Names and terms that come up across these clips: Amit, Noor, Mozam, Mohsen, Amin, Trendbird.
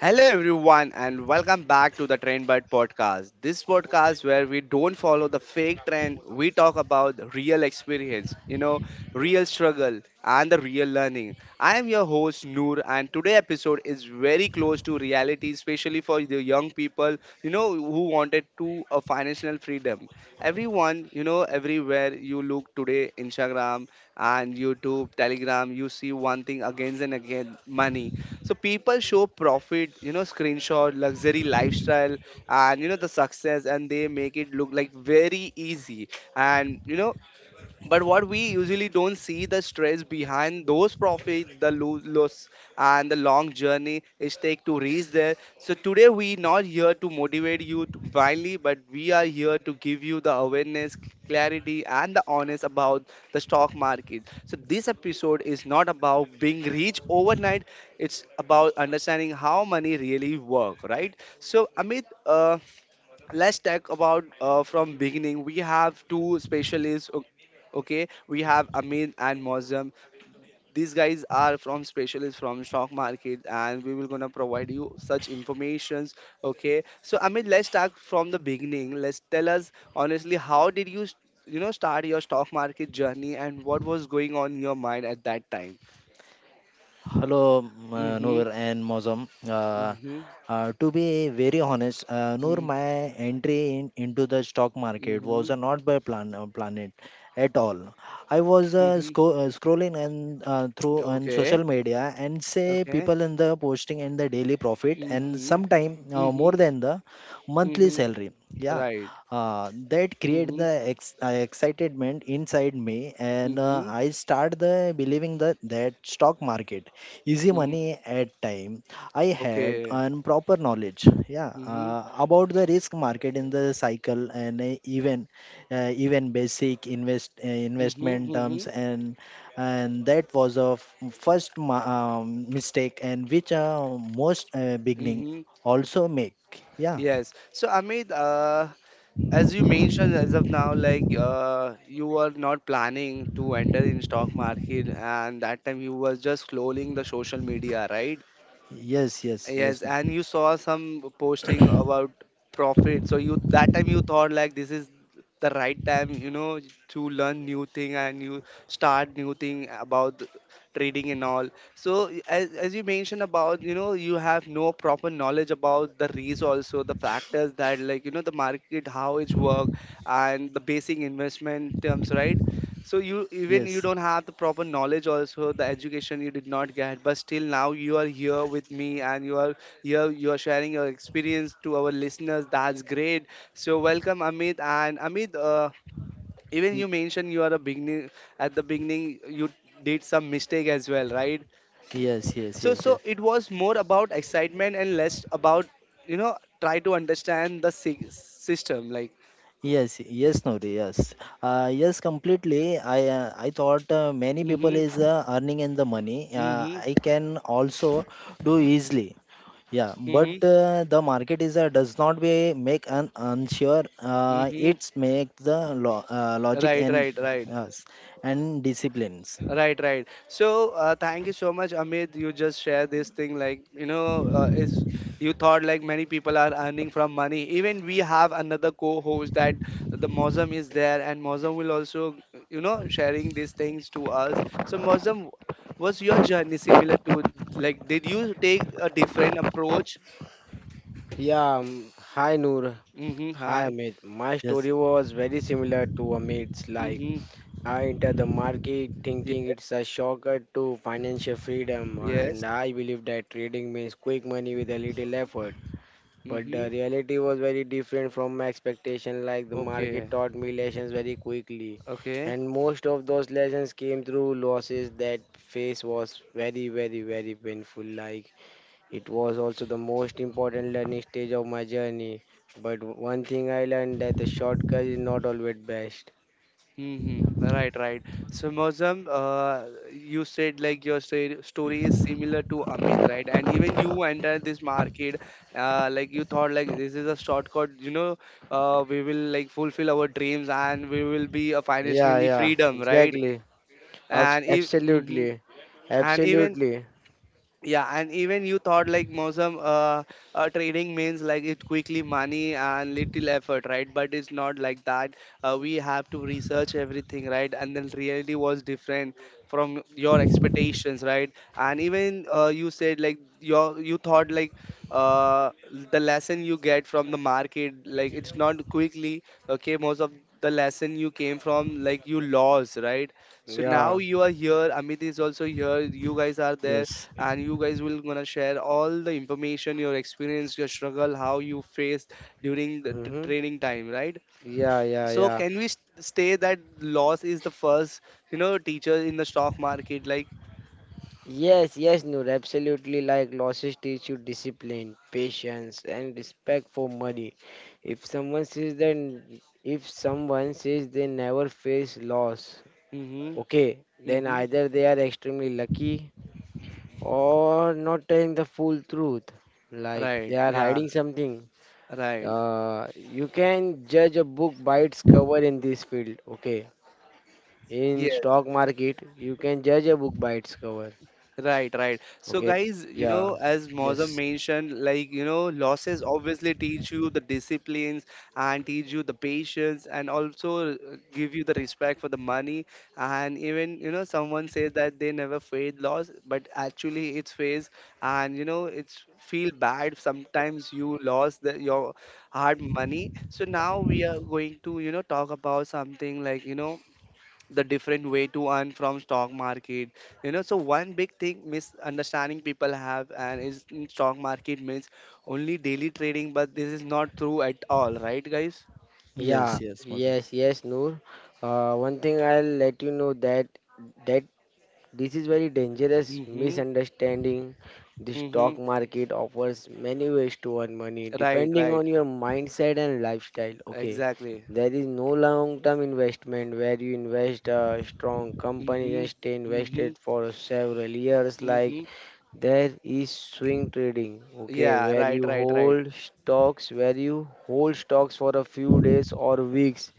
Hello everyone and welcome back to the Trendbird podcast. This podcast where we don't follow the fake trend, we talk about real experience, real struggle and the real learning. I am your host Noor and today episode is very close to reality especially for the young people, who wanted to a financial freedom. Everyone, everywhere you look today Instagram and YouTube, Telegram, you see one thing again and again, money so people show profit, screenshot, luxury lifestyle, and you know the success, and they make it look like very easy. And you know, but what we usually don't see the stress behind those profit the loss and the long journey it take to reach there so today we not here to motivate you to blindly but we are here to give you the awareness clarity and the honest about the stock market so this episode is not about being rich overnight. It's about understanding how money really work, right? So Amit, let's talk about from beginning we have two specialists okay, we have Amin and Mozam. These guys are from specialists from stock market and we will gonna provide you such informations. Okay, so Amin, let's start from the beginning. Let's tell us honestly, how did you you know start your stock market journey and what was going on in your mind at that time? Hello, Mm-hmm. Noor and Mozam. Mm-hmm. To be very honest, Noor, Mm-hmm. my entry into the stock market was Mm-hmm. Not by planet at all. I was Mm-hmm. Scrolling and through on Okay. social media and say Okay. people in the posting and the daily profit and Mm-hmm. sometime more Mm-hmm. than the monthly Mm-hmm. salary. Yeah, Right. That create Mhm. the excitement inside me, and Mhm. I start the believing that that stock market easy Mhm. money at time I had Okay. an proper knowledge yeah Mhm. About the risk market in the cycle and even basic Mhm. investment terms Mhm. And that was a first mistake and which most beginning Mhm. also make yeah. Yes. So Amit, as you mentioned as of now, like you were not planning to enter in stock market, and that time you was just scrolling the social media, right? Yes, yes, Yes, yes, no. and you saw some posting about profit. So you that time you thought like this is the right time, to learn new thing and you start new thing about the trading and all. So as you mentioned about, you have no proper knowledge about the risk also, the factors that like, the market, how it's work and the basic investment terms, right? So you even you Yes. don't have the proper knowledge also the education you did not get but still now you are here with me and you are here you are sharing your experience to our listeners, that's great. So welcome Amit. And Amit, even Y- you mentioned you are a beginning at the beginning you did some mistake as well, right? yes, yes, so yes, so yes. it was more about excitement and less about you know try to understand the system like. Yes, yes, Nuri, yes. Yes, completely. I thought many people Mhm. is earning in the money. Mhm. I can also do easily. Yeah, but Mhm. The market is does not be make an unsure. Mhm. It's make the lo logic Right, and right, right. yes, and disciplines. Right, right. So, thank you so much, Amit. You just share this thing like you know, it's you thought like many people are earning from money. Even we have another co-host that the Mozam is there, and Mozam will also you know sharing these things to us. So, Mozam, was your journey similar to like did you take a different approach? Yeah, Hi Noor. Mm-hmm. Hi Hi. Amit. My Yes, story was very similar to Amit's. Mm-hmm. I entered the market thinking it's Yes. a shortcut to financial freedom, and Yes. I believe that trading means quick money with a little effort. But Mm-hmm. the reality was very different from my expectation. Like, the market Okay. taught me lessons very quickly, Okay. and most of those lessons came through losses. That phase was very, very, very painful. Like, it was also the most important learning stage of my journey. But one thing I learned that the shortcut is not always best. Mm-hmm. Right, right. So, Mozam, you said like your story is similar to Amit, right? And even you entered this market, like you thought like this is a shortcut, we will like fulfill our dreams and we will be a Yeah, financially yeah, freedom, right? exactly. And if hmm Absolutely. and even Absolutely. yeah, and even you thought like Mosam, trading means like it quickly money and little effort, right? But it's not like that. We have to research everything, right? And then reality was different from your expectations, right? And even you said like your you thought like uh, the lesson you get from the market, like it's not quickly. Okay, most of the lesson you came from like you lost, right? So Yeah. now you are here. Amit is also here. You guys are there yes, and you guys will gonna share all the information, your experience, your struggle, how you faced during the hmm training time, right? Yeah, yeah, So yeah. can we stay that loss is the first, teacher in the stock market, like. Yes, yes, Noor, absolutely. Like losses teach you discipline, patience, and respect for money. If someone says they never face loss, Mm-hmm. okay, then Mm-hmm. either they are extremely lucky or not telling the full truth, like they Right, are yeah, hiding something. right. You can judge a book by its cover in this field. Okay, Yeah. in stock market you can judge a book by its cover. Right, right. So, Okay. guys, Yeah. As Mozam yes, mentioned, like, losses obviously teach you the disciplines and teach you the patience and also give you the respect for the money. And even, someone says that they never faced loss, but actually it's faced and, it's feel bad. Sometimes you lost the, your hard money. So now we are going to, talk about something like, the different way to earn from stock market you know so one big thing misunderstanding people have and is in stock market means only daily trading, but this is not true at all, right guys? yes, Yeah. yes, Mazum. Yes, yes, Noor. One thing I'll let you know that this is very dangerous Mm-hmm. misunderstanding. The Mm-hmm. stock market offers many ways to earn money Right, depending right. on your mindset and lifestyle. Okay, Exactly. there is no long term investment where you invest a strong company Mm-hmm. and stay Mm-hmm. invested for several years, like Mm-hmm. there is swing trading, okay, Yeah, where right, you right, right. hold stocks, for a few days or weeks.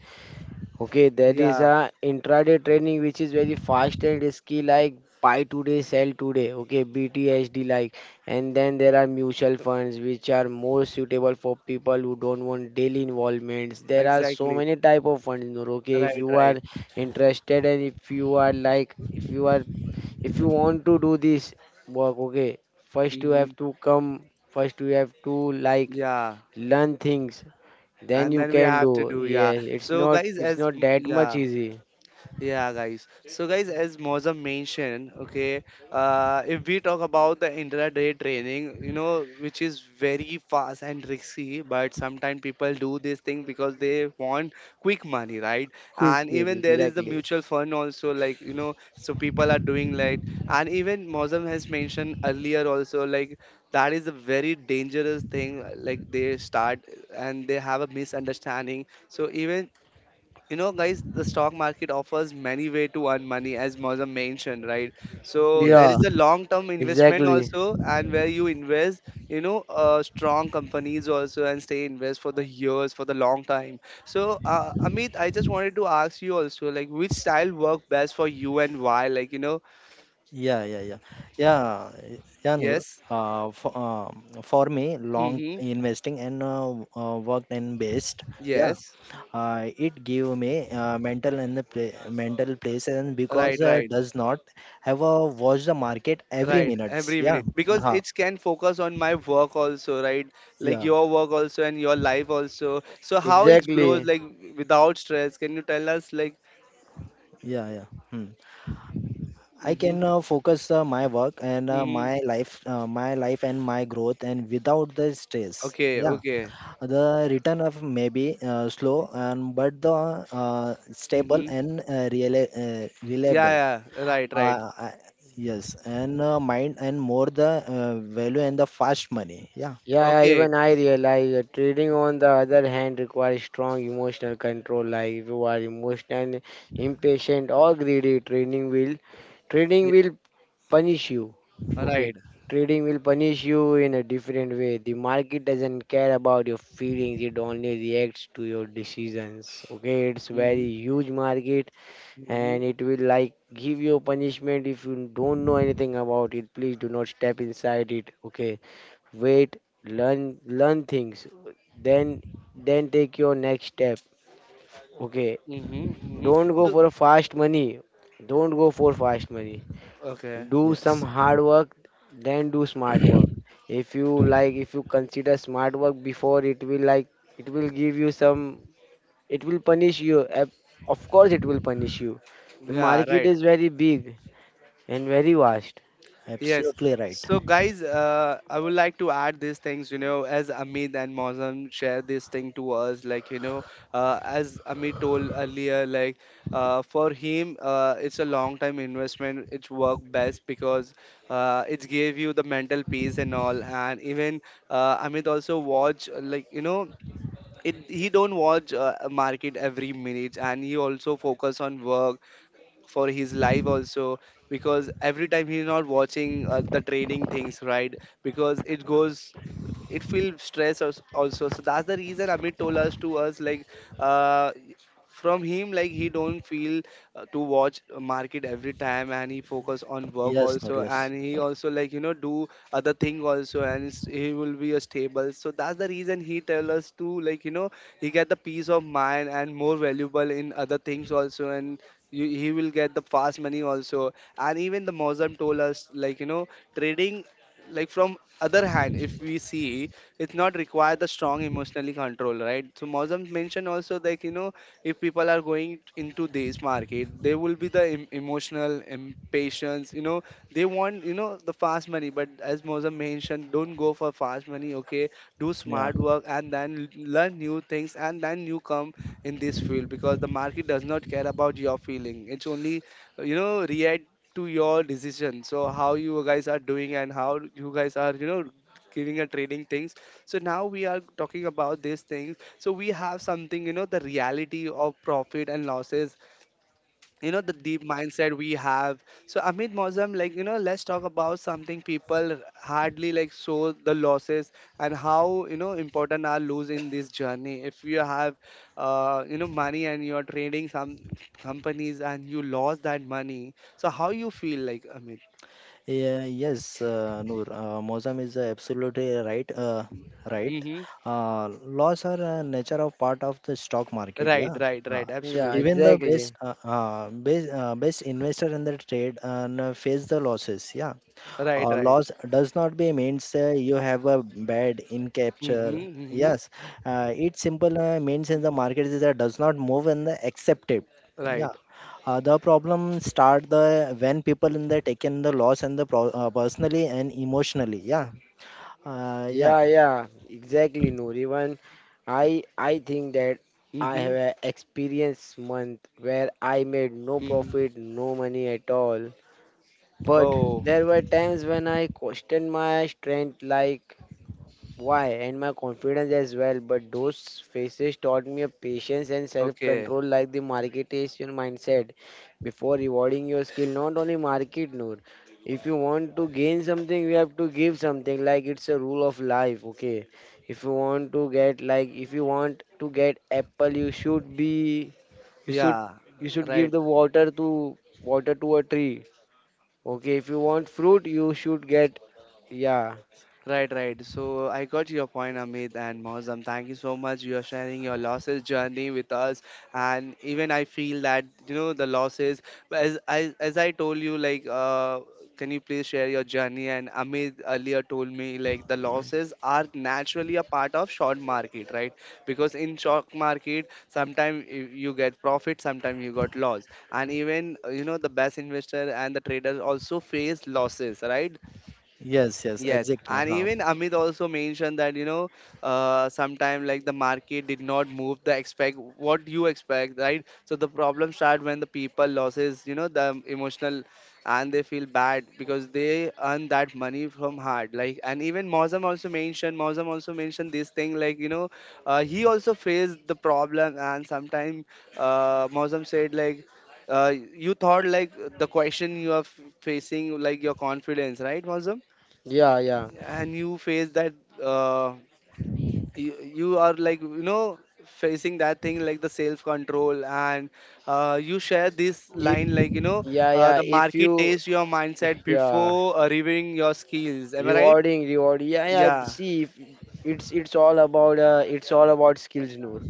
Okay, there is Yeah. a intraday trading which is very fast and risky, like buy today, sell today. Okay, BTHD, like, and then there are mutual funds which are more suitable for people who don't want daily involvements. There are so Exactly. many type of funds, Noor. Okay, if Right, you are right. interested and if you are like, if you want to do this work, okay, Mm-hmm. First you have to like Yeah. learn things, then And you then we can have to do. do, yeah. Yeah, So guys it's as. not that much Yeah. easy. Yeah, guys. So, guys, as Mozam mentioned, okay, if we talk about the intraday training, which is very fast and risky, but sometimes people do this thing because they want quick money, right? Quick And food, even there is the exactly. mutual fund also, like, so people are doing like, and even Mozam has mentioned earlier also, like, that is a very dangerous thing. Like, they start and they have a misunderstanding. So, even you know, guys, the stock market offers many way to earn money, as Mozam mentioned, right? So there Yes. Yeah, is a long-term investment exactly. also, and where you invest, strong companies also, and stay invest for the years, for the long time. So, Amit, I just wanted to ask you also, like, which style work best for you and why? Like, you know, Yeah, yeah, yeah, yeah, yeah, Noor. yes, For, for me, long mm-hmm, investing and work and based. Yeah, yes, it give me mental and the play, mental place and because right, right. does not have a watch the market every Right, minutes. every Yeah, minute because uh, it can focus on my work also, right? Like yeah, your work also and your life also. So how it grows Exactly. like without stress? Can you tell us like? yeah, yeah. Hmm. I Mm-hmm. can focus my work and Mm-hmm. My life and my growth and without the stress. Okay. Yeah, Okay. the return of may be slow, and but the stable Mm-hmm. and reliable. Yeah. Yeah. Right. Right. Uh, uh, yes, and mind and more the value and the fast money. Yeah, Yeah, yeah, Okay. even I realize that trading on the other hand requires strong emotional control. Like if you are emotional, impatient or greedy, trading will trading Yeah. will punish you. Okay, Right. trading will punish you in a different way. The market doesn't care about your feelings, it only reacts to your decisions. Okay, it's Mm-hmm. very huge market and Mm-hmm. it will like give you punishment. If you don't know anything about it, please do not step inside it. Okay, wait, learn things. Then then take your next step. Okay, Mm-hmm. Mm-hmm. don't go So for a fast money. Don't go for fast money, okay. do some yes, hard work, then do smart work. If you like if you consider smart work before, it will like it will give you some, it will punish you ab- of course it will punish you. The Yeah. market Right. is very big and very vast. Yes. absolutely right. So, guys, I would like to add these things, as Amit and Mozam share this thing to us, like, as Amit told earlier, like, for him, it's a long time investment. It's worked best because it gave you the mental peace and all. And even Amit also watch, like, it, he don't watch market every minute and he also focus on work for his life also because every time he's not watching the training things, right? Because it goes it feels stress also, so that's the reason Amit told us to us like, uh, from him like he don't feel to watch market every time and he focus on work Yes, Nur, also yes, and he also like you know do other thing also and he will be a stable, so that's the reason he tell us to like you know he get the peace of mind and more valuable in other things also and you, he will get the fast money also. And even the Mozam told us like you know trading like from other hand if we see it's not require the strong emotionally control, right? So Mozam mentioned also like you know if people are going into this market they will be the emotional impatience you know they want you know the fast money, but as Mozam mentioned, don't go for fast money, okay? Do yeah. smart work and then learn new things and then you come in this field because the market does not care about your feeling. It's only you know react to your decision. So how you guys are doing and how you guys are you know giving and trading things. So now we are talking about these things. So we have something you know the reality of profit and losses you know the deep mindset we have. So Amit, Mozam, like you know let's talk about something people hardly like show the losses and how you know important are lose in this journey if you have you know money and you're trading some companies and you lost that money, so how you feel like, Amit? Yeah, yes, Noor, Mozam is absolutely right. Right. Mm-hmm. Laws are nature of part of the stock market. Right, Yeah. right, Uh, right. Yeah, Absolutely. Even the exactly. Best investor in the trade and face the losses. Yeah. Right, right. Loss does not be means you have a bad in capture. Mm-hmm, mm-hmm. Yes. It simple means in the market is that does not move in the accepted. Yeah. Right. The problem start the when people in the taken the loss and the personally and emotionally. Yeah. Yeah. Yeah, yeah, exactly. no even I think that I have Mm-hmm, a experience month where I made no mm-hmm. profit, no money at all. But Oh. there were times when I questioned my strength, like why, and my confidence as well. But those phases taught me a patience and self Okay. control, like the marketation mindset. Before rewarding your skill, not only market, Noor. If you want to gain something, you have to give something. Like it's a rule of life, okay? If you want to get, like, If you want to get apple, you should be, you should, Yeah. you should give Right. the water to a tree. Okay, if you want fruit, you should get. Yeah, Right, right. So I got your point, Amit and Mohsam. Thank you so much. You are sharing your losses journey with us, and even I feel that you know the losses. As I told you, like, can you please share your journey? And Amit earlier told me like the losses are naturally a part of short market, right? Because in short market, sometimes you get profit, sometimes you got loss, and even you know the best investor and the traders also face losses, right? Yes. Yes. Yes, Exactly. and Huh. even Amit also mentioned that you know, sometime like the market did not move the expect what you expect, right? So the problem start when the people losses, you know, the emotional, and they feel bad because they earn that money from hard. Like and even Mozam also mentioned this thing like you know, he also faced the problem, and sometime Mozam said like. You thought like the question you are facing like your confidence, right, Mozam? yeah, yeah. And you face that uh, you are like you know facing that thing like the self control and you share this If line like you know yeah, the if market you tastes your mindset yeah, before reviewing your skills, am I right? rewarding, reward. Yeah, yeah. Yeah, See, if it's all about it's all about skills, Noor.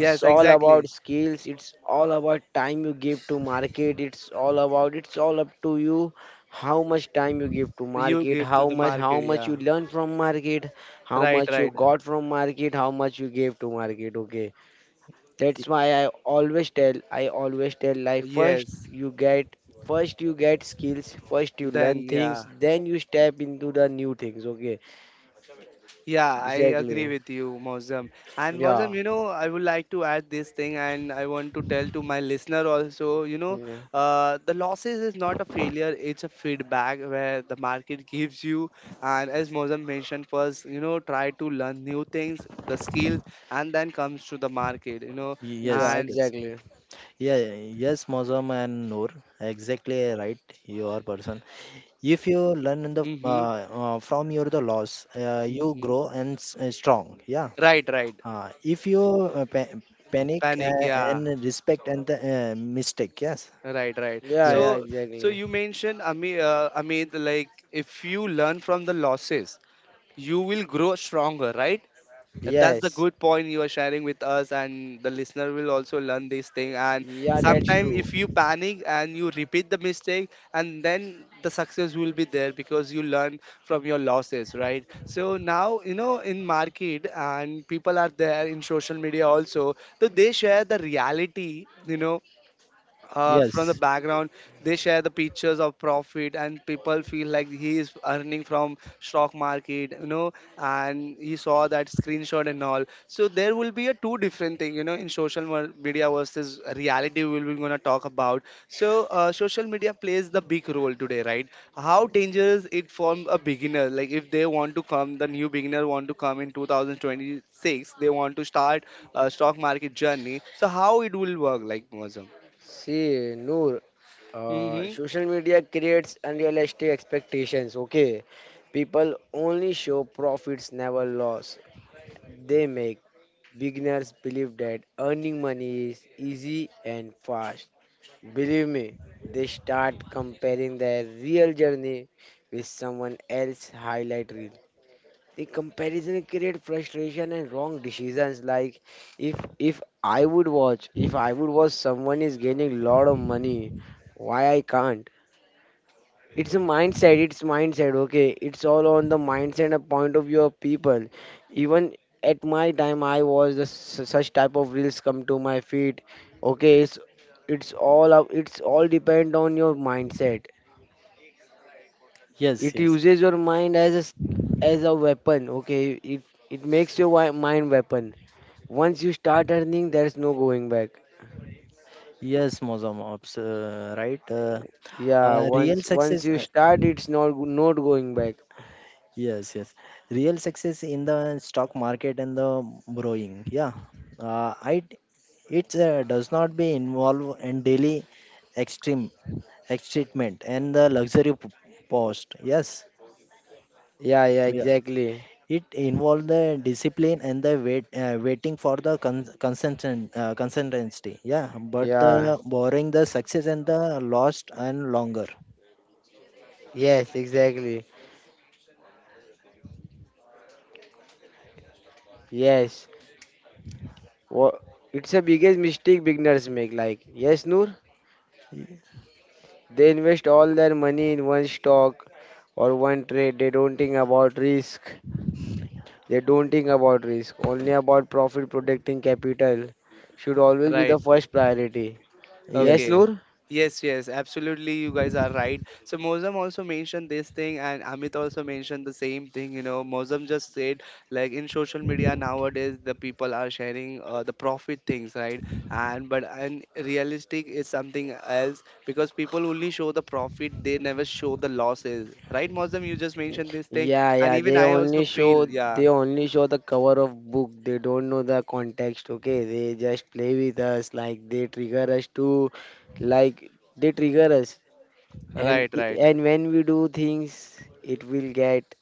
It's all about exactly. skills. It's all about time you give to market. It's all about it's all up to you how much time you give to You market, give to how the much market, yeah. you learn from market, how Right, much you right. got from market, how much you gave to market. Okay, that's why I always tell like Yes, first you get skills, first you learn then, things, yeah. then you step into the new things. Okay, Yeah, I agree exactly. with you, Mozam. And Mozam, Yeah. you know, I would like to add this thing, and I want to tell to my listener also. You know, Yeah, the losses is not a failure; it's a feedback where the market gives you. And as Mozam mentioned first, you know, try to learn new things, the skills, and then comes to the market. You know, Yes. yeah, and Yes. exactly. Yeah. Yes, Mozam and Noor. Exactly right. You are person. If you learn in the mm-hmm, from your the loss, you mm-hmm. grow and strong. Yeah. Right, right, If you uh, pa- panic panic, yeah. and respect and the mistake. Yes. Right, right. Yeah, Yes. yeah, So, so exactly. you mentioned, Amit, Amit, like if you learn from the losses, you will grow stronger, right? That's the Yes. good point you are sharing with us, and the listener will also learn this thing. And Yeah, that's sometimes, true. if you panic and you repeat the mistake, and then the success will be there because you learn from your losses, right? So now, you know, in market and people are there in social media also, so they share the reality, you know, from the Yes. background they share the pictures of profit and people feel like he is earning from stock market, you know, and he saw that screenshot and all. So there will be a two different thing, you know, in social media versus reality we will be going to talk about. So social media plays the big role today, right? How dangerous it for a beginner, like if they want to come, the new beginner want to come in 2026, they want to start a stock market journey, so how it will work like, Mozam? See, Noor, Mm-hmm. social media creates unrealistic expectations. Okay, people only show profits, never loss. They make. Beginners believe that earning money is easy and fast. Believe me, they start comparing their real journey with someone else's highlight reel. The comparison creates frustration and wrong decisions. Like if I would watch someone is gaining a lot of money, why I can't? It's a mindset, it's mindset. Okay, it's all on the mindset and point of view of people. Even at my time, I was the, su- such type of reels come to my feet. Okay, it's all up. It's all depend on your mindset. Yes. It Yes. uses your mind as a as a weapon. Okay, it makes your mind weapon. Once you start earning, there's no going back. Yes, Mozam Ops, right? Yeah, Real once success, you start, it's not going back. yes, yes. Real success in the stock market and the borrowing. Yeah, I it does not be involved in daily extreme excitement and the luxury post. Yes, Yeah, yeah, yeah. exactly. It involves the discipline and the wait, waiting for the con- consistent consistency. Yeah, but Yeah, the borrowing the success and the lost and longer. yes, exactly. Yes. Wha- it's a biggest mistake beginners make. Like, yes, Noor, they invest all their money in one stock or one trade. They don't think about risk. They don't think about risk. Only about profit, protecting capital should always be the Right. first priority. Yes, Yes, Okay. Noor? Yes, yes, absolutely. You guys are right. So Mozam also mentioned this thing, and Amit also mentioned the same thing. You know, Mozam just said like in social media nowadays, the people are sharing the profit things, right? And but and realistic is something else because people only show the profit; they never show the losses, right? Mozam, you just mentioned this thing, Yeah, and yeah. even I also feel, They yeah, only show the cover of book. They don't know the context. Okay, they just play with us, like they trigger us to like they trigger us, and right, right, and when we do things it will get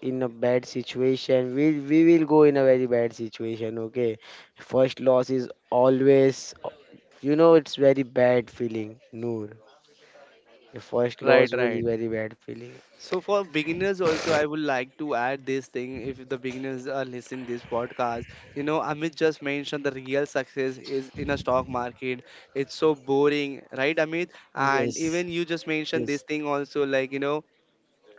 in a bad situation, we will go in a very bad situation. Okay, first loss is always, you know, it's very bad feeling, Noor. The first right, loss will is right. very bad feeling. So for beginners also, I would like to add this thing. If the beginners are listening this podcast, you know, Amit just mentioned the real success is in a stock market. It's so boring, right, Amit? And yes. even you just mentioned this Yes, thing also, like you know,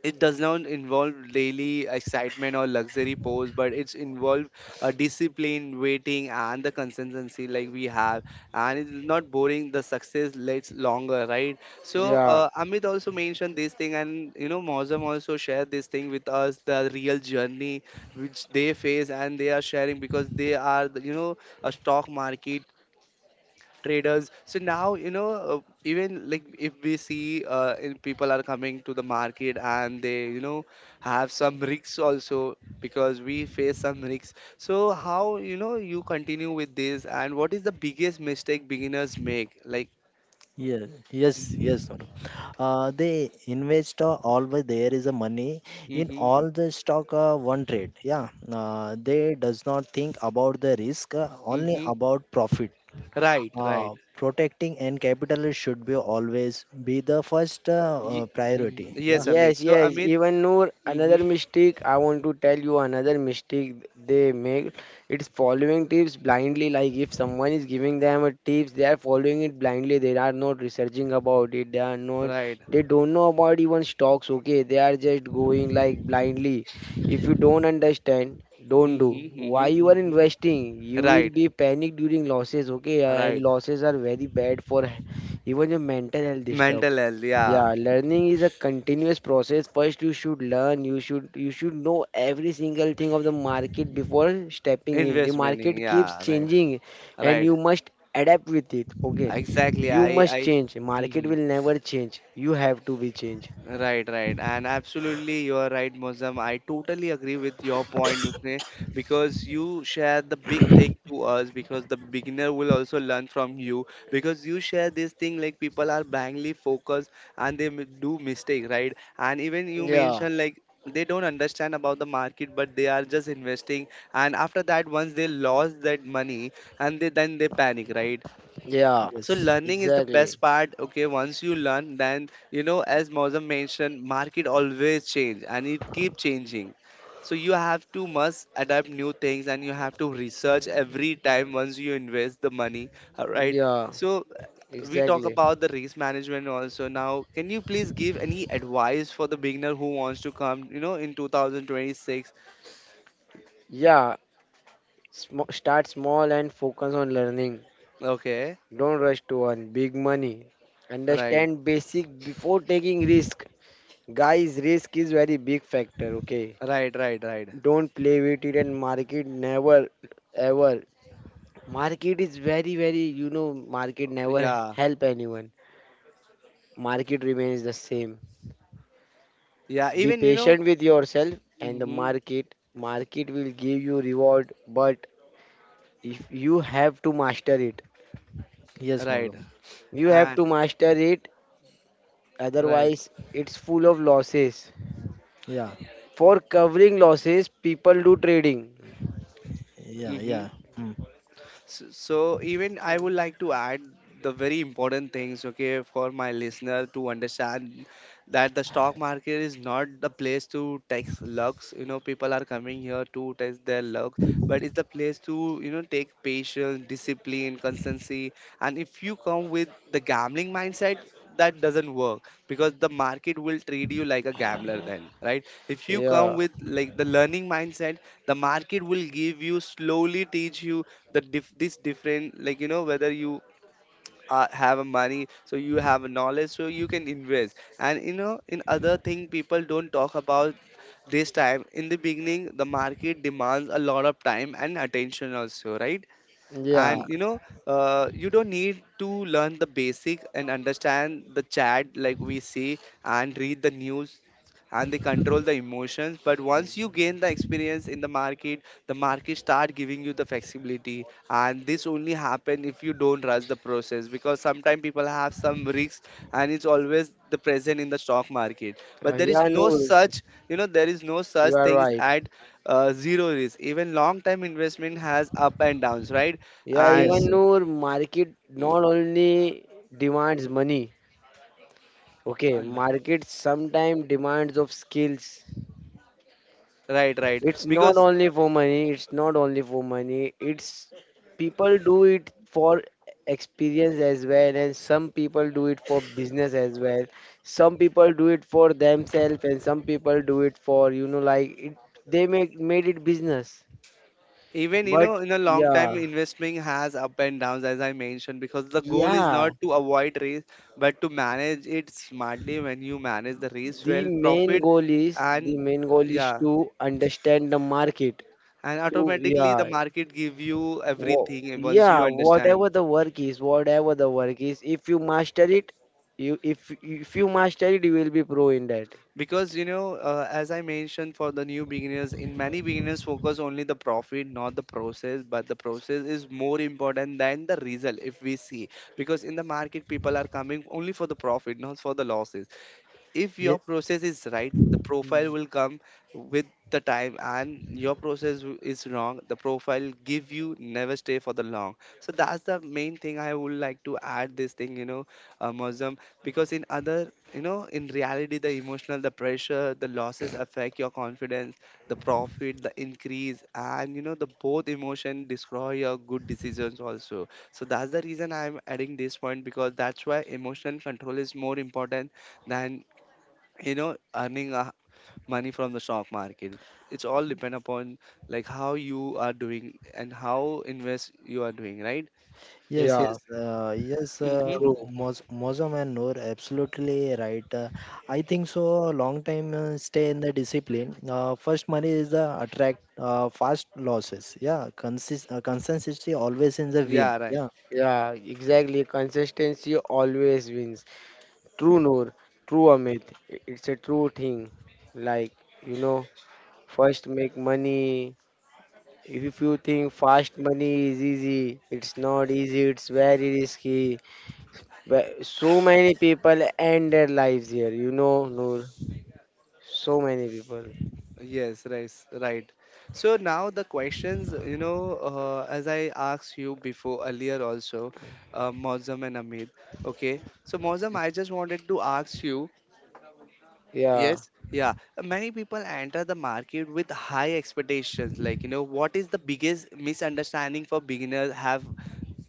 it does not involve daily excitement or luxury pose, but it's involved a discipline, waiting, and the consistency like we have, and it's not boring, the success lasts longer, right? So Yeah. Amit also mentioned this thing and you know mozam also shared this thing with us the real journey which they face and they are sharing because they are the, you know, a stock market traders. So now you know uh, even like if we see in people are coming to the market and they you know have some risks also because we face some risks, so how you know you continue with this and what is the biggest mistake beginners make like yes, yes, mm-hmm, yes. Madam. The investor always there is a money in mm-hmm, all the stock one trade. Yeah, they does not think about the risk, only mm-hmm. about profit. Right, right. Protecting and capital should be always be the first Mhm. priority. Yes, Yeah. amit, Yes, so yes. amit, Even, Noor, another mm-hmm, mistake I want to tell you, another mistake they make. It's following tips blindly. Like if someone is giving them a tips, they are following it blindly. They are not researching about it. They are not. right, They don't know about even stocks. Okay, they are just going like blindly. If you don't understand, don't do. mm-hmm, Why mm-hmm, you are mm-hmm. investing? You will Right, be panicked during losses. Okay, and right, losses are very bad for even your mental health disturbed. mental health, yeah, Yeah, learning is a continuous process. First, you should learn. You should know every single thing of the market before stepping in. The investment, market keeps yeah, right. changing, and Right. you must adapt with it. Okay, Exactly. you must I, change. Market Mhm. will never change. You have to be changed. Right, right. And absolutely, you are right, Mozam. I totally agree with your point, Mukne, because you share the big thing to us because the beginner will also learn from you because you share this thing like people are blindly focused and they do mistake, right? And even you Yeah, mentioned like they don't understand about the market but they are just investing and after that once they lost that money and they then they panic, right? yeah, So Yes. learning is the best exactly. part. Okay, once you learn, then you know, as Mozam mentioned, market always change and it keep changing. So you have to must adapt new things and you have to research every time once you invest the money. All right. Yeah, So we talk exactly. about the risk management also. Now, can you please give any advice for the beginner who wants to come, you know, in 2026? Yeah, start small and focus on learning. Okay. Don't rush to earn big money. Right. Understand basic before taking risk. Guys, risk is very big factor, okay? Right. Right. Right. Don't play with it, and market never ever. Market is very very, you know, market never Yeah. help anyone. Market remains the same. Yeah. Be Even you know. patient with yourself and the Hmm. market. Market will give you reward, but if you have to master it. Yes, Right. Mogam. You have And to master it, right. otherwise it's full of losses. Yeah. For covering losses, people do trading. Yeah. Mm-hmm. Yeah. Mm. So, so even I would like to add the very important things, okay, for my listener to understand that the stock market is not the place to tax lucks. You know, people are coming here to test their luck, but it's the place to, you know, take patience, discipline, consistency, and if you come with the gambling mindset, that doesn't work because the market will treat you like a gambler then, right? If you come Yeah. with like the learning mindset, the market will give you, slowly teach you the this different, like you know, whether you have a money, so you have a knowledge, so you can invest. And you know, in other thing people don't talk about, this time in the beginning the market demands a lot of time and attention also, right? And Y- Yeah. you know, you don't need to learn the basic and understand the chat like we see and read the news and they control the emotions. But once you gain the experience in the market, the market start giving you the flexibility, and this only happen if you don't rush the process, because sometimes people have some risks and it's always the present in the stock market, but there is Yeah, no. no such, you know, there is no such You are things right. at zero risk. Even long term investment has up and downs, right? Yeah, And Yes. even though market not only demands money, okay, mm, market sometimes demands of skills. right, right. It's not Because only for money, it's people do it for experience as well, and some people do it for business as well. Some people do it for themselves, and some people do it for, you know, like it, they make made it business. even you But know, in a long time yeah, investment has up and downs, as I mentioned, because the goal is not yeah. to avoid risk, but to manage it smartly. When you manage the risk well, profit The and main goal is yeah, to understand the market. and To automatically the yeah, market give you everything once you yeah, understand. Whatever the work is, if you master it, you if you master it, you will be pro in that. Because you know, as I mentioned, for the new beginners, in many beginners focus only the profit, not the process, but the process is more important than the result, if we see. Because in the market people are coming only for the profit, not for the losses. If your process is right, the profile Yes. will come with the time, and your process is wrong, the profile give you never stay for the long. So that's the main thing I would like to add this thing, you know, Mozam, because in other you know in reality, the emotional, the pressure, the losses affect your confidence, the profit, the increase, and you know, the both emotion destroy your good decisions also. So that's the reason I'm adding this point, because that's why emotional control is more important than you know earning money from the stock market. It's all depend upon like how you are doing and how invest you are doing, right? Yes, Yeah, yes, yes, Mm-hmm. true. Mozam and Noor, absolutely right. I think so. Long time stay in the discipline. First, money is the attract fast losses. Yeah, consistency always in the win. Yeah, right, Yeah, Yeah, exactly. Consistency always wins. True Noor, true Amit. It's a true thing. Like, you know, first make money. If you think fast money is easy, it's not easy, it's very risky. But so many people end their lives here, you know, Noor. So many people. yes, right, right. So now the questions, you know, as I asked you before earlier also, Mozam and amit, okay, so Mozam, I just wanted to ask you, Yeah. yes, yeah, many people enter the market with high expectations, like you know, what is the biggest misunderstanding for beginners have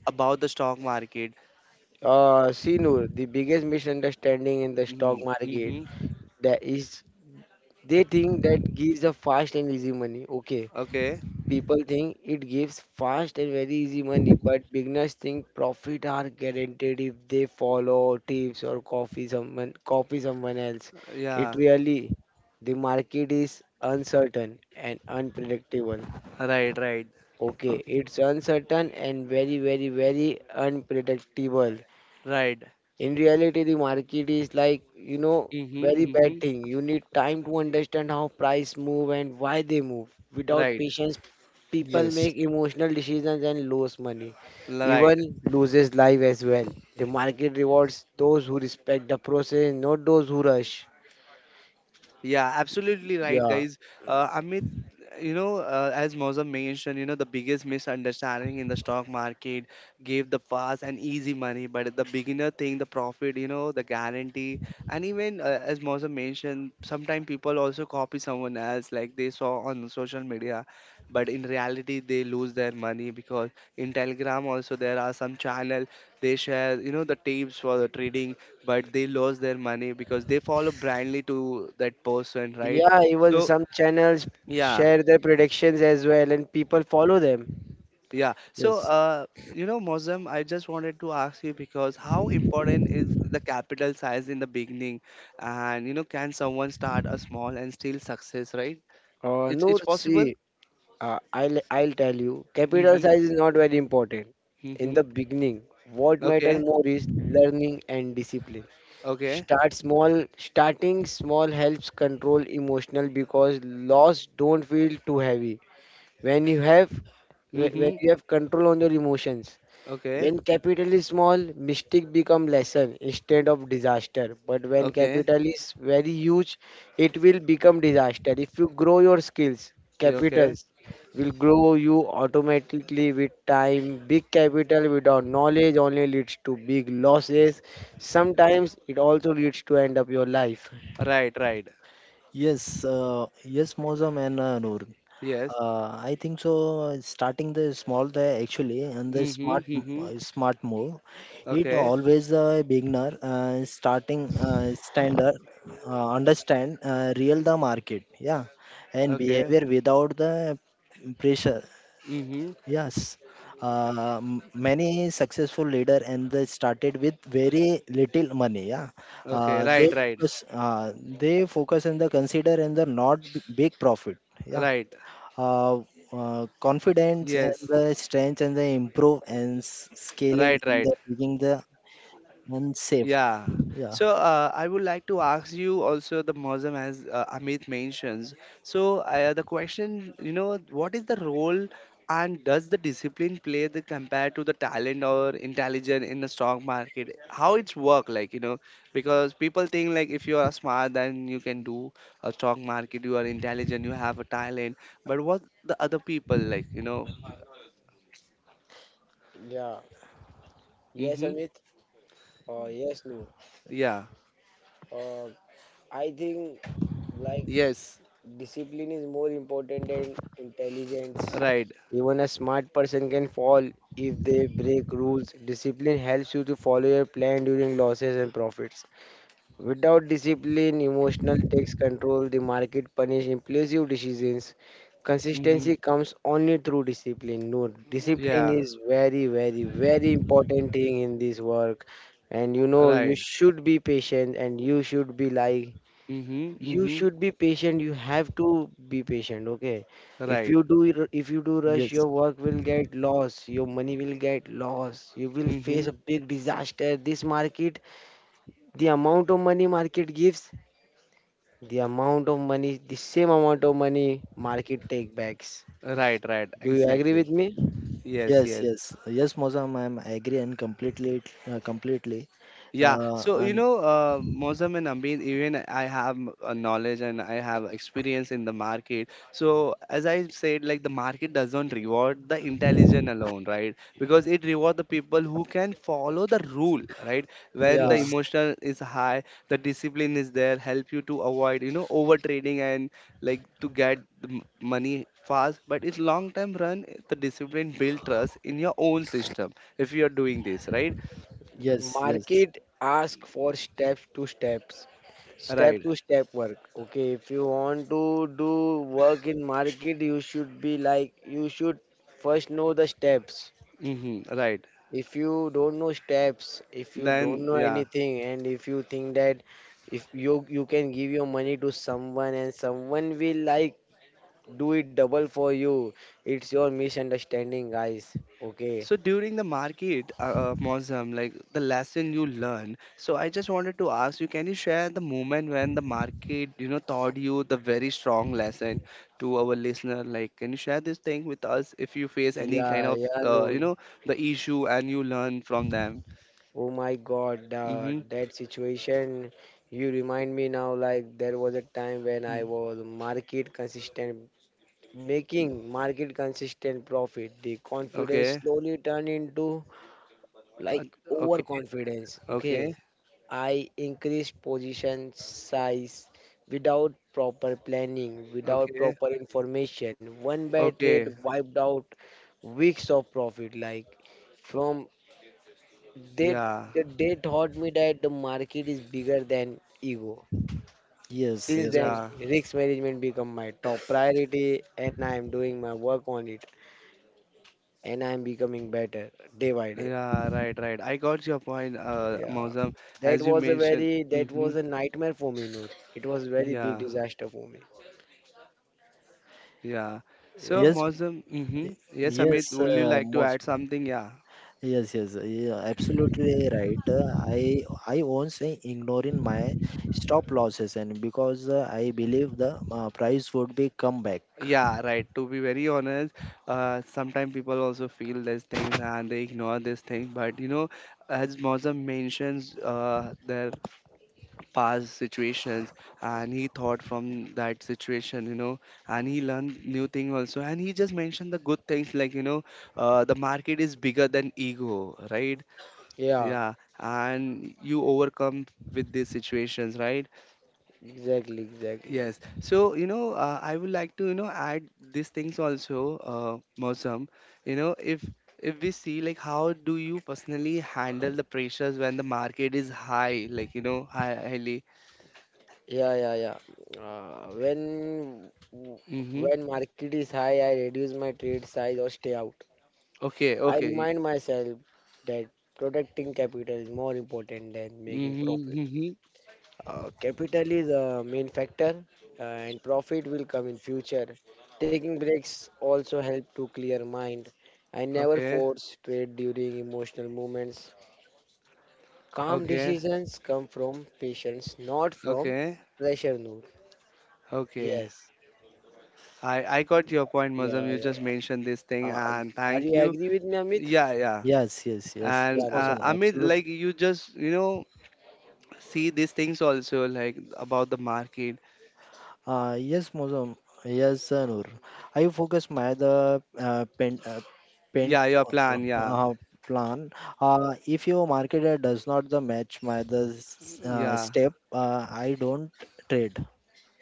about the stock market. See, Noor, the biggest misunderstanding in the stock Mm-hmm. market, Mm-hmm. that is they think that gives a fast and easy money. Okay. Okay. People think it gives fast and very easy money, but beginners think profit are guaranteed if they follow tips or copy someone else. It Yeah. really The market is uncertain and unpredictable. Right. Right. Okay, it's uncertain and very very very unpredictable. Right. In reality, the market is, like, you know, Mm-hmm. very bad Mm-hmm. thing. You need time to understand how price move and why they move. Without Right. patience, people yes, make emotional decisions and lose money. Right. Even loses life as well. The market rewards those who respect the process, not those who rush. Yeah, absolutely right, Yeah. guys. Amit, you know, as Mozam mentioned, you know, the biggest misunderstanding in the stock market gave the fast and easy money, but the beginner thing, the profit, you know, the guarantee, and even as Mozam mentioned, sometimes people also copy someone else, like they saw on social media, but in reality, they lose their money because in Telegram also there are some channel, they share, you know, the tapes for the trading, but they lost their money because they follow blindly to that person, right? Yeah, even So some channels yeah, share their predictions as well and people follow them. yeah. So yes, you know, Mozam, I just wanted to ask you, because how important is the capital size in the beginning, and you know, can someone start a small and still success, right? Noor, It's possible. see, I'll tell you, capital Mhm. size is not very important. In Mhm. the beginning, what matter Okay. more is learning and discipline. Okay. Start small. Starting small helps control emotional because loss don't feel too heavy. When you have whe- when Mhm. you have control on your emotions, Okay. when capital is small, mistake become lesson instead of disaster. But when Okay. capital is very huge, it will become disaster. If you grow your skills, Yeah, okay. capitals will grow you automatically with time. Big capital without knowledge only leads to big losses. Sometimes it also leads to end up your life. Right. Right. yes, yes, Mozam and Noor. Yes. I think so. Starting the small there actually, and the Mhm. Mhm. Smart move. It Okay. always the beginner starting standard understand real the market, yeah, and Okay. behavior without the pressure. Mhm. Yes, many successful leader and they started with very little money. Yeah, Okay, uh, they right, right, focus, uh, they focus on the consider and the not b- big profit. Yeah, right. uh, confidence and Yes, the strength and the improve and scaling right, and right. the making the unsafe. Yeah. Yeah. So I would like to ask you also the Muslim as Amit mentions. The question, what is the role and does the discipline play the compared to the talent or intelligence in the stock market? How it's work like, because people think like if you are smart then you can do a stock market, you are intelligent, you have a talent. But what the other people like, Yeah. Yes, Mm-hmm. Amit. Yes, Noor. Yeah. Uh, I think like Yes, discipline is more important than intelligence. right. Even a smart person can fall if they break rules. Discipline helps you to follow your plan during losses and profits. Without discipline, emotional takes control, the market punish impulsive decisions. Mm-hmm. Consistency comes only through discipline. No, discipline Yeah, is very, very, very important thing in this work. And you know, you right. should be patient and you should be like Mm-hmm. you Mm-hmm. should be patient, you have to be patient. Okay, Right. If you do rush, Yes. your work will get lost, your money will get lost, you will Mm-hmm. face a big disaster this market. The amount of money market gives, the amount of money, the same amount of money market take backs. Right, right. Do you Y- agree with Exactly. me? Yes, Yes. yes. Yes. Yes, Mozam. I agree and completely completely. Yeah, so you I'm know, Mozam and Ambeen, even I have a knowledge and I have experience in the market. So as I said, like the market doesn't reward the intelligent alone, right? Because it reward the people who can follow the rule, right? When the Yeah. yes. emotion is high, the discipline is there, help you to avoid, overtrading and like to get the money fast. But it's long term run, the discipline build trust in your own system if you are doing this, right? Yes. Yes. Market ask for steps to steps, step Right. to step work. Okay, if you want to do work in market, you should be like you should first know the steps. Hmm. Right. If you don't know steps, if you don't Then, know yeah. anything, and if you think that if you can give your money to someone and someone will like do it double for you, it's your misunderstanding, guys. Okay. So during the market, Mosam, like the lesson you learn. So I just wanted to ask you, can you share the moment when the market, taught you the very strong lesson to our listener? Like, can you share this thing with us if you face any kind Yeah, of, yeah, no. The issue and you learn from them? Oh my God, Mm-hmm. that situation. You remind me now like there was a time when I Mm-hmm. was market consistent, making market consistent profit. The confidence Okay. slowly turned into Uh, like okay. overconfidence. Okay. Okay, I increased position size without proper planning, without Okay. proper information. One bad trade Okay. wiped out weeks of profit. Like from they Yeah. they taught me that the market is bigger than ego. Yes. Since Yes. then, Mozam. Yeah. risk management become my top priority, and I am doing my work on it, and I am becoming better day by day. Yeah, right, right. I got your point, Yeah, Mozam. that As you was a mentioned, very that mm-hmm, was a nightmare for me, Noor. It was very big yeah, disaster for me. yeah. So, Yeah, Yes. Mozam, mm-hmm. y- Yes, Yes. Amit, would you like to Moz. add something? Yeah, Yes, yes, yeah, absolutely right. I won't say ignoring my stop losses, and because I believe the price would be come back. yeah, right. To be very honest, sometimes people also feel these things and they ignore these things. But you know, as Mozam mentions, there past situations and he thought from that situation you know and he learned new thing also and he just mentioned the good things like the market is bigger than ego, right? yeah, Yeah. And you overcome with these situations, right? exactly, exactly. Yes. So you know, I would like to, you know, add these things also. uh, Mausam, you know, if we see like how do you personally handle the pressures when the market is high like you know highly. Yeah, yeah, yeah. Mm-hmm. When market is high, I reduce my trade size or stay out. Okay, I okay. remind myself that protecting capital is more important than making Mm-hmm, profit. mm-hmm. Capital is a main factor, and profit will come in future. Taking breaks also help to clear mind. I never Okay, force trade during emotional moments. Calm okay, decisions come from patience, not from okay, pressure. Noor. okay. Yes. I got your point, Yeah. Mazam. You Yeah. just mentioned this thing, Uh, and are you thank you. agree with me, Amit? Yeah, yeah. Yes, yes, yes, yes, Yeah. And Noor. Mohsen, Amit, absolute. like you just you know see these things also like about the market. Yes, Mohsen, yes, Noor. I focus my the pen pen Yeah, your uh, plan. Yeah, uh, plan. If your market does not the match my the yeah. step, I don't trade.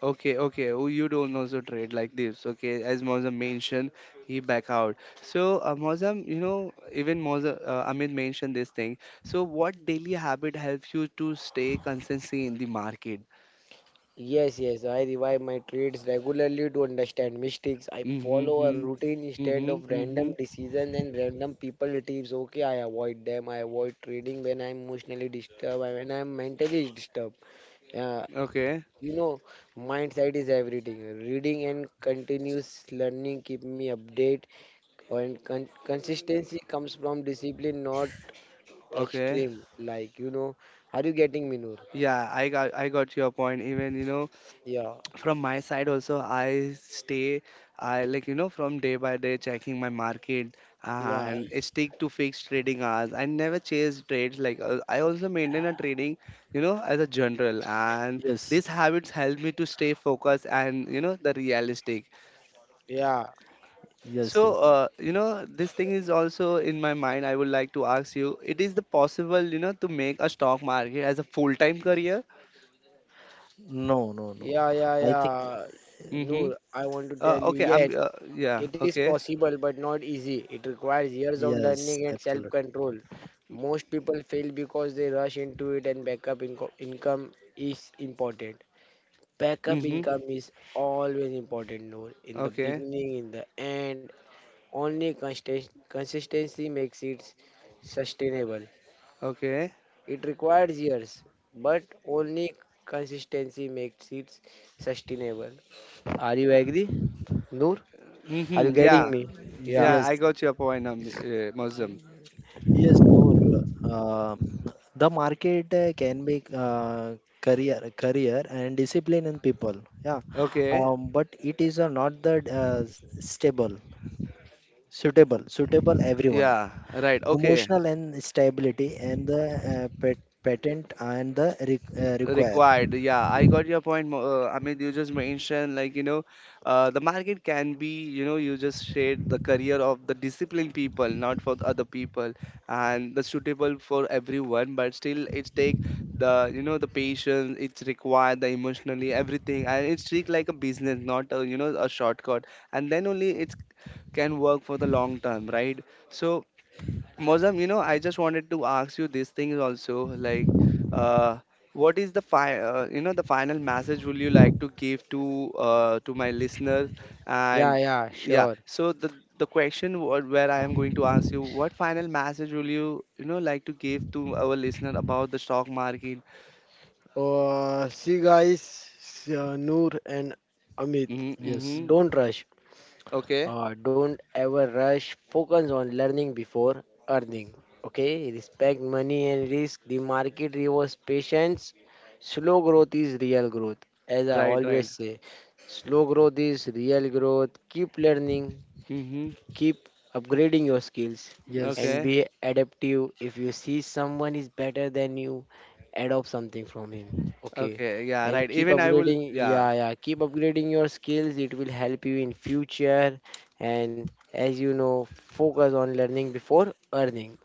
Okay, okay. Oh, you don't also trade like this. Okay, as Mozam mentioned, he back out. So Mozam, you know, even Mozam, Amit mentioned this thing. So what daily habit helps you to stay consistency in the market? Yes, yes, I revive my trades regularly to understand mistakes. I Mm-hmm. follow a Hmm. routine instead Mm-hmm. of random Mm-hmm. decisions and random people tips. Okay, I avoid them. I avoid trading when I'm emotionally disturbed, and when I'm mentally disturbed. Uh, Okay. you know, mindset is everything. Reading and continuous learning keep me update, and consistency comes from discipline, not Okay. extreme. Like, you know, are you getting me, Noor? Yeah, I got your point. Even you know, Yeah, from my side also I stay, I like you know from day by day checking my market yeah, and I stick to fixed trading hours. I never chase trades like I also maintain a trading you know as a general and Yes, these habits help me to stay focused and you know the realistic. yeah. yes, So yes. You know this thing is also in my mind. I would like to ask you, it is the possible you know to make a stock market as a full time career? No, no, no. Yeah, yeah, I think yeah. Mm-hmm. Noor, I want to tell you, okay, I'm yes, yeah, it is okay. possible but not easy. It requires years of yes, learning and self absolutely. control. Most people fail because they rush into it, and income is important. Backup Mm-hmm. income is always important, Noor, in the Okay. beginning, in the end. Only consistency makes it sustainable. Okay. It requires years, but only consistency makes it sustainable. Are you agree, Noor? Are you Hmm. getting Yeah. me? Yeah, Yeah, I Yes, got your point, Muslim. yes, Noor. Uh, the market can be career and discipline in people. Yeah, Okay. But it is not the stable, suitable, suitable everyone. Yeah, right. Okay. Emotional and stability and the patent and the re require. Required, yeah, I got your point, Amit. You just mentioned like you know the market can be you know, you just shared the career of the disciplined people, not for the other people, and the suitable for everyone, but still it take the you know the patience, it's required the emotionally everything, and it's treat like a business, not a you know a shortcut, and then only it's can work for the long term, right? So Mozam, you know, I just wanted to ask you these things also, like, uh, what is the you know, the final message will you like to give to my listeners? yeah, And yeah, yeah, sure. so the question where I am going to ask you, what final message will you you know like to give to our listener about the stock market? See, guys, Noor and Amit, Mm-hmm, Yes, mm-hmm. don't rush. Okay, Don't ever rush. Focus on learning before earning. Okay, respect money and risk. The market rewards patience. Slow growth is real growth. As I right, always right. say, slow growth is real growth. Keep learning. Mm-hmm. Keep upgrading your skills yes, and Okay, be adaptive. If you see someone is better than you, adopt something from him. Okay. okay, yeah, And right. keep Even I will, upgrading. yeah. Yeah, yeah. Keep upgrading your skills. It will help you in future. And as you know, focus on learning before earning.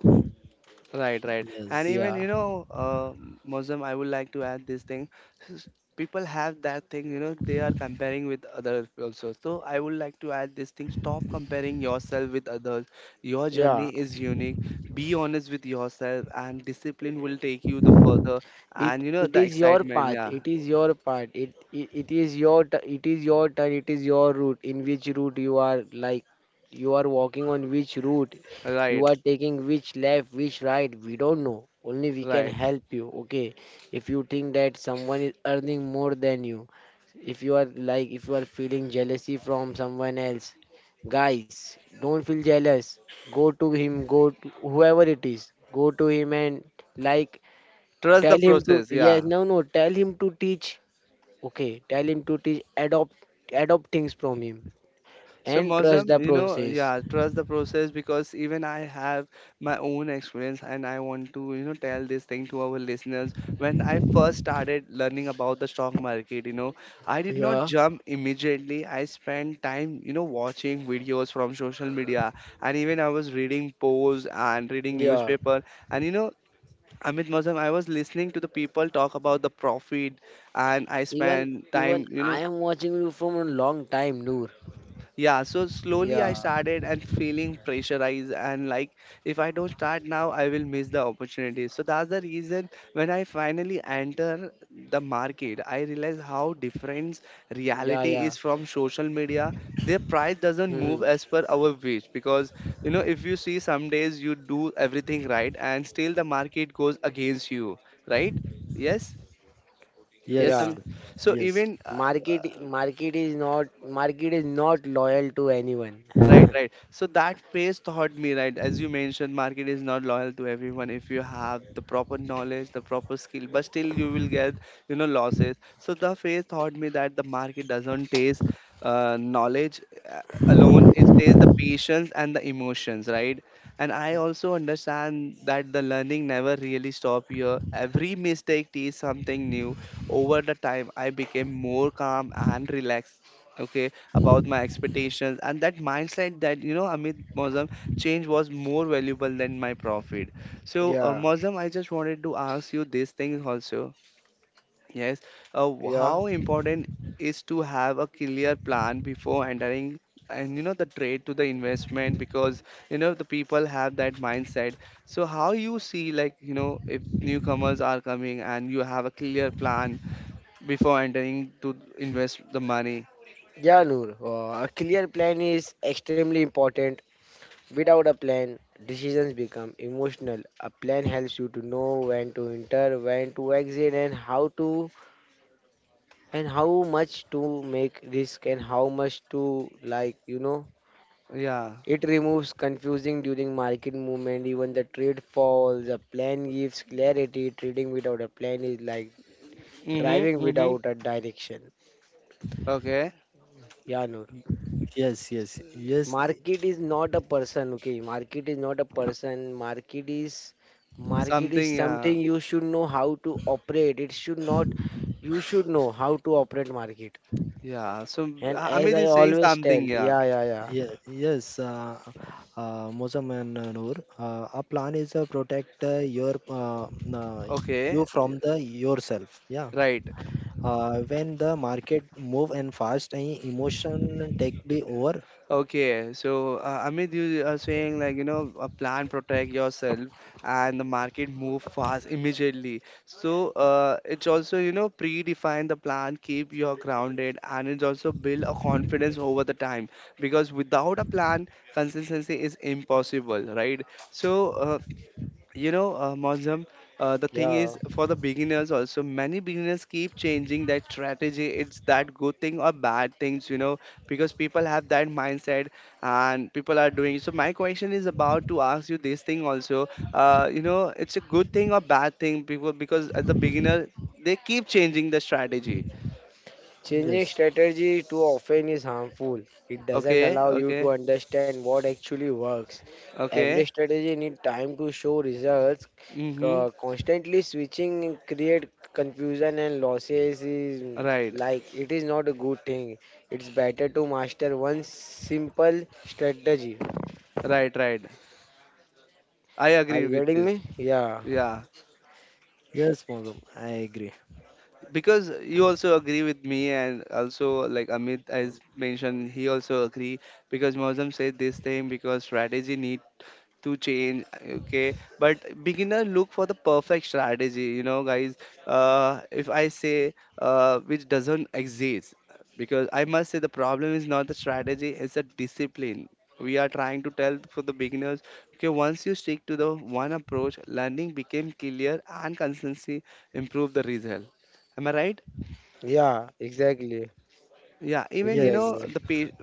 Right, right. And yes, even, Yeah. you know, Muslim, I would like to add this thing. s- People have that thing, you know, they are comparing with others also. So I would like to add this thing. Stop comparing yourself with others. Your Yeah. journey is unique. Be honest with yourself, and discipline will take you the further. it And, you know, it the is your excitement. path, Yeah. it is your path, it is your it is your turn, it is your route, in which route you are like you are walking, on which route you are Right, taking, which left, which right, we don't know, only we can right. help you. Okay, if you think that someone is earning more than you, if you are like if you are feeling jealousy from someone else, guys, don't feel jealous. Go to him, go to whoever it is, go to him and like Trust the tell him to process. Yeah. yes, no, no. Tell him to teach. Okay, tell him to teach. Adopt, adopt things from him, So and trust the Mozam, you know, process. yeah, trust the process because even I have my own experience and I want to, you know, tell this thing to our listeners. When I first started learning about the stock market, you know, I did not Yeah, jump immediately. I spent time, you know, watching videos from social media and even I was reading posts and reading yeah. newspaper and you know, Amit Mozam, I was listening to the people talk about the profit and I Even spent even time, you I know. am watching you from a long time, Noor. Yeah, so slowly I Yeah, started and feeling pressurized and like if I don't start now, I will miss the opportunity. So that's the reason when I finally enter the market, I realize yeah, how yeah. different reality is from social media. Hmm. Their price doesn't move as per our wish because you know if you see some days you do everything right and still the market goes against you, right? Yes. Yeah. Yes, I yes, mean, so yes, even Market market is not loyal to anyone. right, right. So that phase taught me, right, as you mentioned, market is not loyal to everyone. If you have the proper knowledge, the proper skill, but still you will get, you know, losses. So the phase taught me that the market doesn't taste knowledge uh, alone. It tastes the patience and the emotions, right? And I also understand that the learning never really stop here. Every mistake teaches something new. Over the time, I became more calm and relaxed, okay, about my expectations, and that mindset that you know Amit Mozam change was more valuable than my profit. So Yeah, Mozam, I just wanted to ask you this thing also, yes, yeah, how important is to have a clear plan before entering and you know the trade to the investment? Because you know the people have that mindset, so how you see like you know if newcomers are coming and you have a clear plan before entering to invest the money? yeah, Noor. A clear plan is extremely important. Without a plan, decisions become emotional. A plan helps you to know when to enter, when to exit, and how to and how much to make risk and how much to like, you know. Yeah. It removes confusing during market movement, even the trade falls. A plan gives clarity. Trading without a plan is like Mhm, driving mhm. without a direction. Okay. Yeah, Noor. yes, yes, yes. Market is not a person, okay? Market is not a person. Market is Something, something yeah. you should know how to operate. It should not you should know how to operate market. Yeah. So And as Amit I is saying always tell, something, yeah. yeah, yeah, yeah. Yeah, yes, Mozam and Noor, our plan is protect uh, Okay. you from the yourself. Yeah, Right. When the market move and fast, and emotion take be over. Okay. So Amit, you are saying like, you know, a plan protect yourself and the market move fast immediately. So it's also, you know, predefine the plan, keep your grounded and it's also build a confidence over the time because without a plan, consistency is impossible, right? So Mozam, the thing Yeah. is for the beginners also, many beginners keep changing that strategy. It's that good thing or bad things, you know, because people have that mindset and people are doing. So my question is about to ask you this thing also, you know it's a good thing or bad thing people, because as a beginner they keep changing the strategy. Yes, Changing strategy too often is harmful. It doesn't Okay, allow you okay, to understand what actually works. Every okay. strategy needs time to show results. Mm-hmm. Constantly switching create confusion and losses is Right, like it is not a good thing. It's better to master one simple strategy. right, right. I Are agree you with getting this. me? Yeah, Yeah, yes, Mozam, I agree. because you also agree with me, and also like Amit has mentioned, he also agree, because Mozam said this thing because strategy need to change. Okay, but beginner look for the perfect strategy, you know guys, if I say which doesn't exist, because I must say the problem is not the strategy, it's a discipline. We are trying to tell for the beginners. Okay, once you stick to the one approach, learning became clear and consistency improve the result. Am I right? yeah, exactly, Yeah, even you Yes, know exactly. the pa-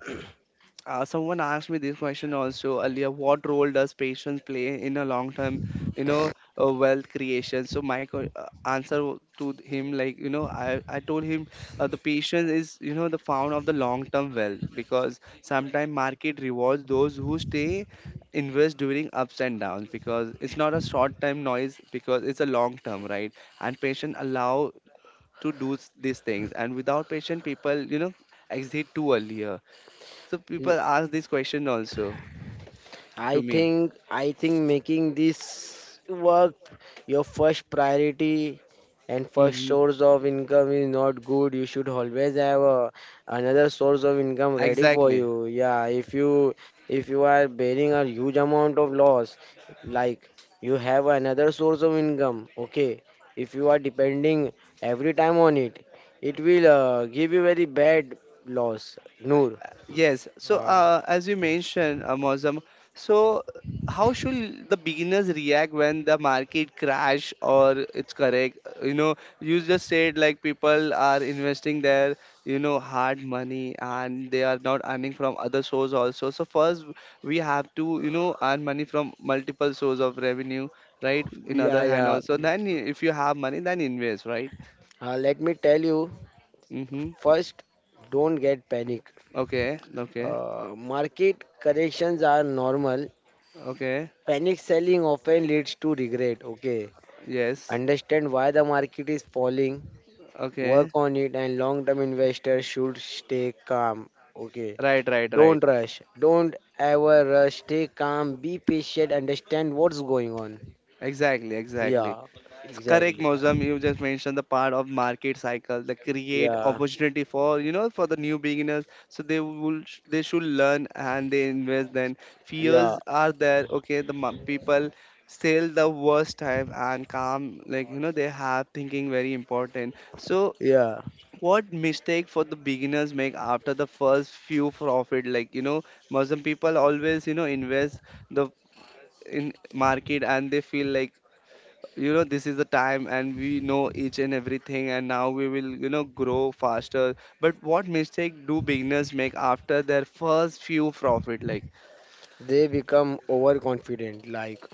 Someone asked me this question also earlier. What role does patience play in a long-term, you know, wealth creation? So my answer to him, like you know, I told him the patience is you know the found of the long-term wealth, because sometimes market rewards those who stay invest during ups and downs, because it's not a short-term noise, because it's a long-term, right? And patience allow to do these things, and without patience, people you know exit too early. So people ask this question also I to me. think I think making this work your first priority and first Hmm. source of income is not good. You should always have a another source of income ready for Exactly. you. Yeah, if you are bearing a huge amount of loss, like you have another source of income. Okay, if you are depending every time on it, it will give you very bad loss. Noor. Yes. So Uh, as you mentioned, Mozam, so how should the beginners react when the market crash or it's correct? You know, you just said like people are investing their, you know, hard money and they are not earning from other source also. So first we have to, you know, earn money from multiple source of revenue, right? In yeah, other hand yeah. also. Then if you have money, then invest, right? Let me tell you. Mm-hmm. First, don't get panic. Okay. Okay. Market corrections are normal. Okay. Panic selling often leads to regret. Okay, Yes. understand why the market is falling, work Okay. on it, and long term investors should stay calm. Okay, Right. Right. Right. don't rush, don't ever rush, stay calm, be patient, understand what's going on. Exactly. Exactly. Yeah, It's correct, exactly. Mozam. You just mentioned the part of market cycle, the create Yeah, opportunity for you know for the new beginners. So they will they should learn and they invest. Then yeah, fears are there. Okay, the people sell the worst time and calm like you know they have thinking very important. So yeah. what mistake for the beginners make after the first few profit like you know muslim people always you know invest the in market and they feel like you know this is the time and we know each and everything and now we will you know grow faster but what mistake do beginners make after their first few profit like They become overconfident, like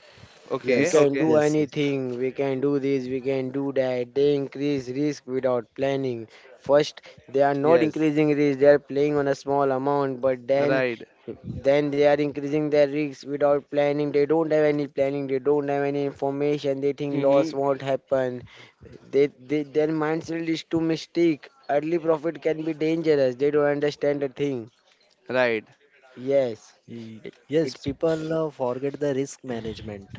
we okay yes, can okay do yes, yes, anything, we can do this, we can do that. They increase risk without planning. First, they are not yes increasing risk, they are playing on a small amount, but right then they are increasing their risks without planning. They don't have any planning, they don't have any information, they think loss mm-hmm. won't happen. They their mindset is too mistake. Early profit can be dangerous. They don't understand the thing. Right. Yes. Y- It, yes. it's People forget the risk management.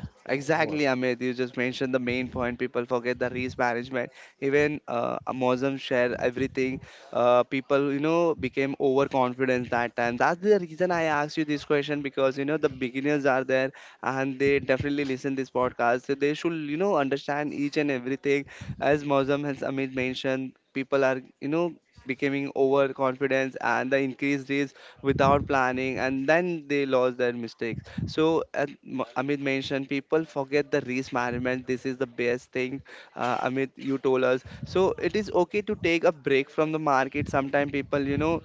What? Exactly, Amit. You just mentioned the main point. People forget the risk management. Even Amazon share everything. People, you know, became overconfident that time. That's the reason I asked you this question because you know the beginners are there and they definitely listen this podcast. So they should, you know, understand each and everything. As Mozam has Amit mentioned, people are, you know, becoming overconfident and the increased risk without planning and then they lost their mistakes so as amit mentioned people forget the risk management this is the best thing amit you told us so it is okay to take a break from the market sometimes people you know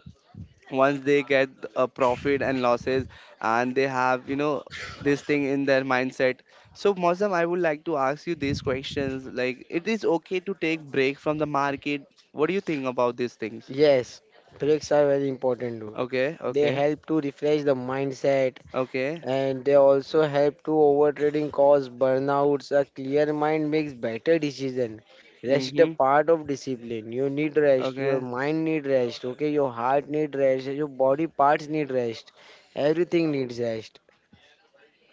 once they get a profit and losses and they have you know this thing in their mindset so Mosam, I would like to ask you these questions like it is okay to take break from the market what do you think about these things yes. Breaks are very important. okay They okay help to refresh the mindset okay and they also help to overtrading cause burnouts. A clear mind makes better decision. Rest is a mhm part of discipline. You need rest. Your okay. mind need rest. Okay, your heart need rest. Your body parts need rest. Everything needs rest.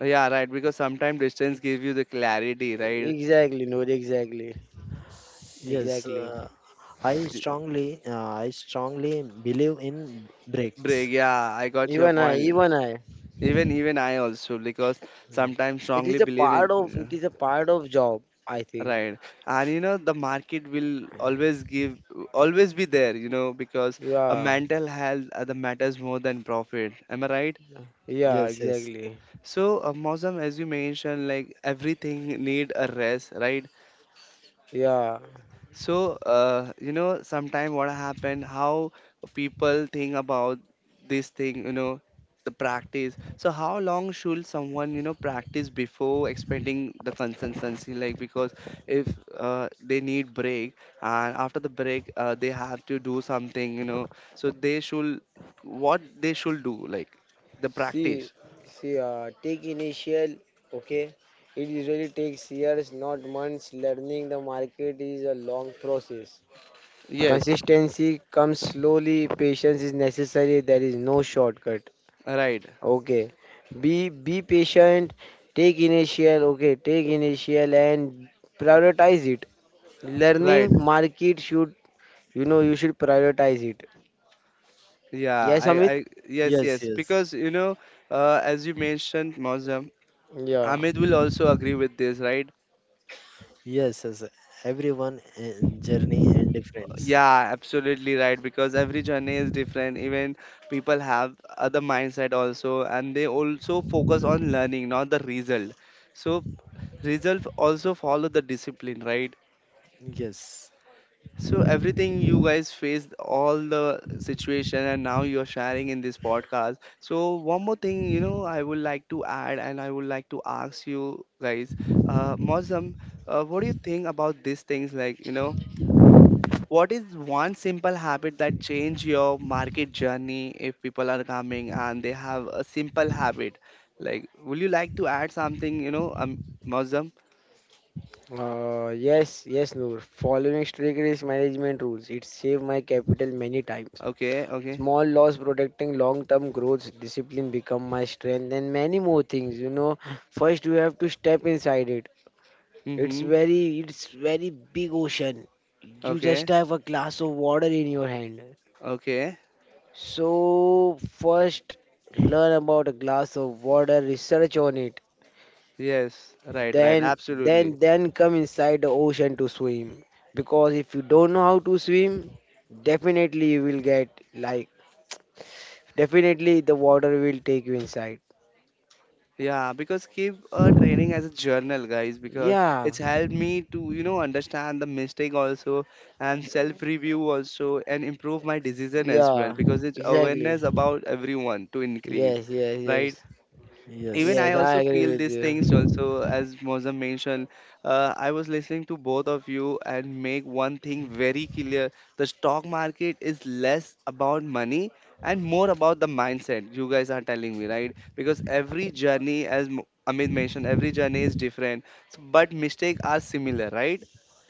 Yeah, right. Because sometimes distance give you the clarity, right? Exactly, no, exactly, Yes, exactly. I strongly, uh, I strongly believe in breaks. Break. Yeah, I got your Even I, point. even I. Even I also because sometimes It strongly is a believe in part of. yeah, It is a part of job. I think. right. And you know the market will always give always be there. You know because a Yeah, mental health the matters more than profit. Am I right? yeah, Yes, yes. exactly. So Mozam, as you mentioned, like everything need a rest, right? Yeah. So, you know, sometime what happened, how people think about this thing, you know, the practice. So, how long should someone, you know, practice before expecting the consistency? Like, because if they need break and after the break, they have to do something, you know, so they should, what they should do, like the See, practice. see, take initial, okay? It usually takes years, not months. Learning the market is a long process. Yes, Consistency comes slowly. Patience is necessary. There is no shortcut. right, Okay. Be patient. Take initial. Okay. Take initial and prioritize it. Learning right. market should you know you should prioritize it. Yeah, Yes, Amit. Yes, Yes, yes. yes, Because, you know, as you mentioned, Mozam. Yeah. Amit will also agree with this, right? yes, yes. Everyone in journey and difference. Yeah, absolutely right. Because every journey is different. Even people have other mindset also, and they also focus on learning, not the result. So result also follow the discipline, right? Yes, So everything you guys faced, all the situation, and now you're sharing in this podcast. So one more thing, you know, I would like to add, and I would like to ask you guys, Mozam, what do you think about these things? Like, you know, what is one simple habit that change your market journey if people are coming and they have a simple habit? Like, would you like to add something, you know, Mausam? Yes, yes, Noor. Following strict risk management rules, it saved my capital many times. Okay, okay. Small loss protecting long-term growth, discipline become my strength, and many more things. You know, first you have to step inside it. Mm-hmm. It's very big ocean. You just Okay, have a glass of water in your hand. okay. So first, learn about a glass of water, research on it, Yes, right, right. then Absolutely. then come inside the ocean to swim, because if you don't know how to swim, definitely you will get like definitely the water will take you inside. Yeah, because keep training as a journal, guys, because Yeah, it's helped me to, you know, understand the mistake also and self-review also and improve my decision as well yeah, because it's exactly. awareness about everyone to increase, Yes, yes, yes, right? Even yes, I yes, I also agree feel with these you. things also as Mozam mentioned I was listening to both of you and make one thing very clear the stock market is less about money and more about the mindset you guys are telling me right because every journey as amit mentioned every journey is different but mistakes are similar right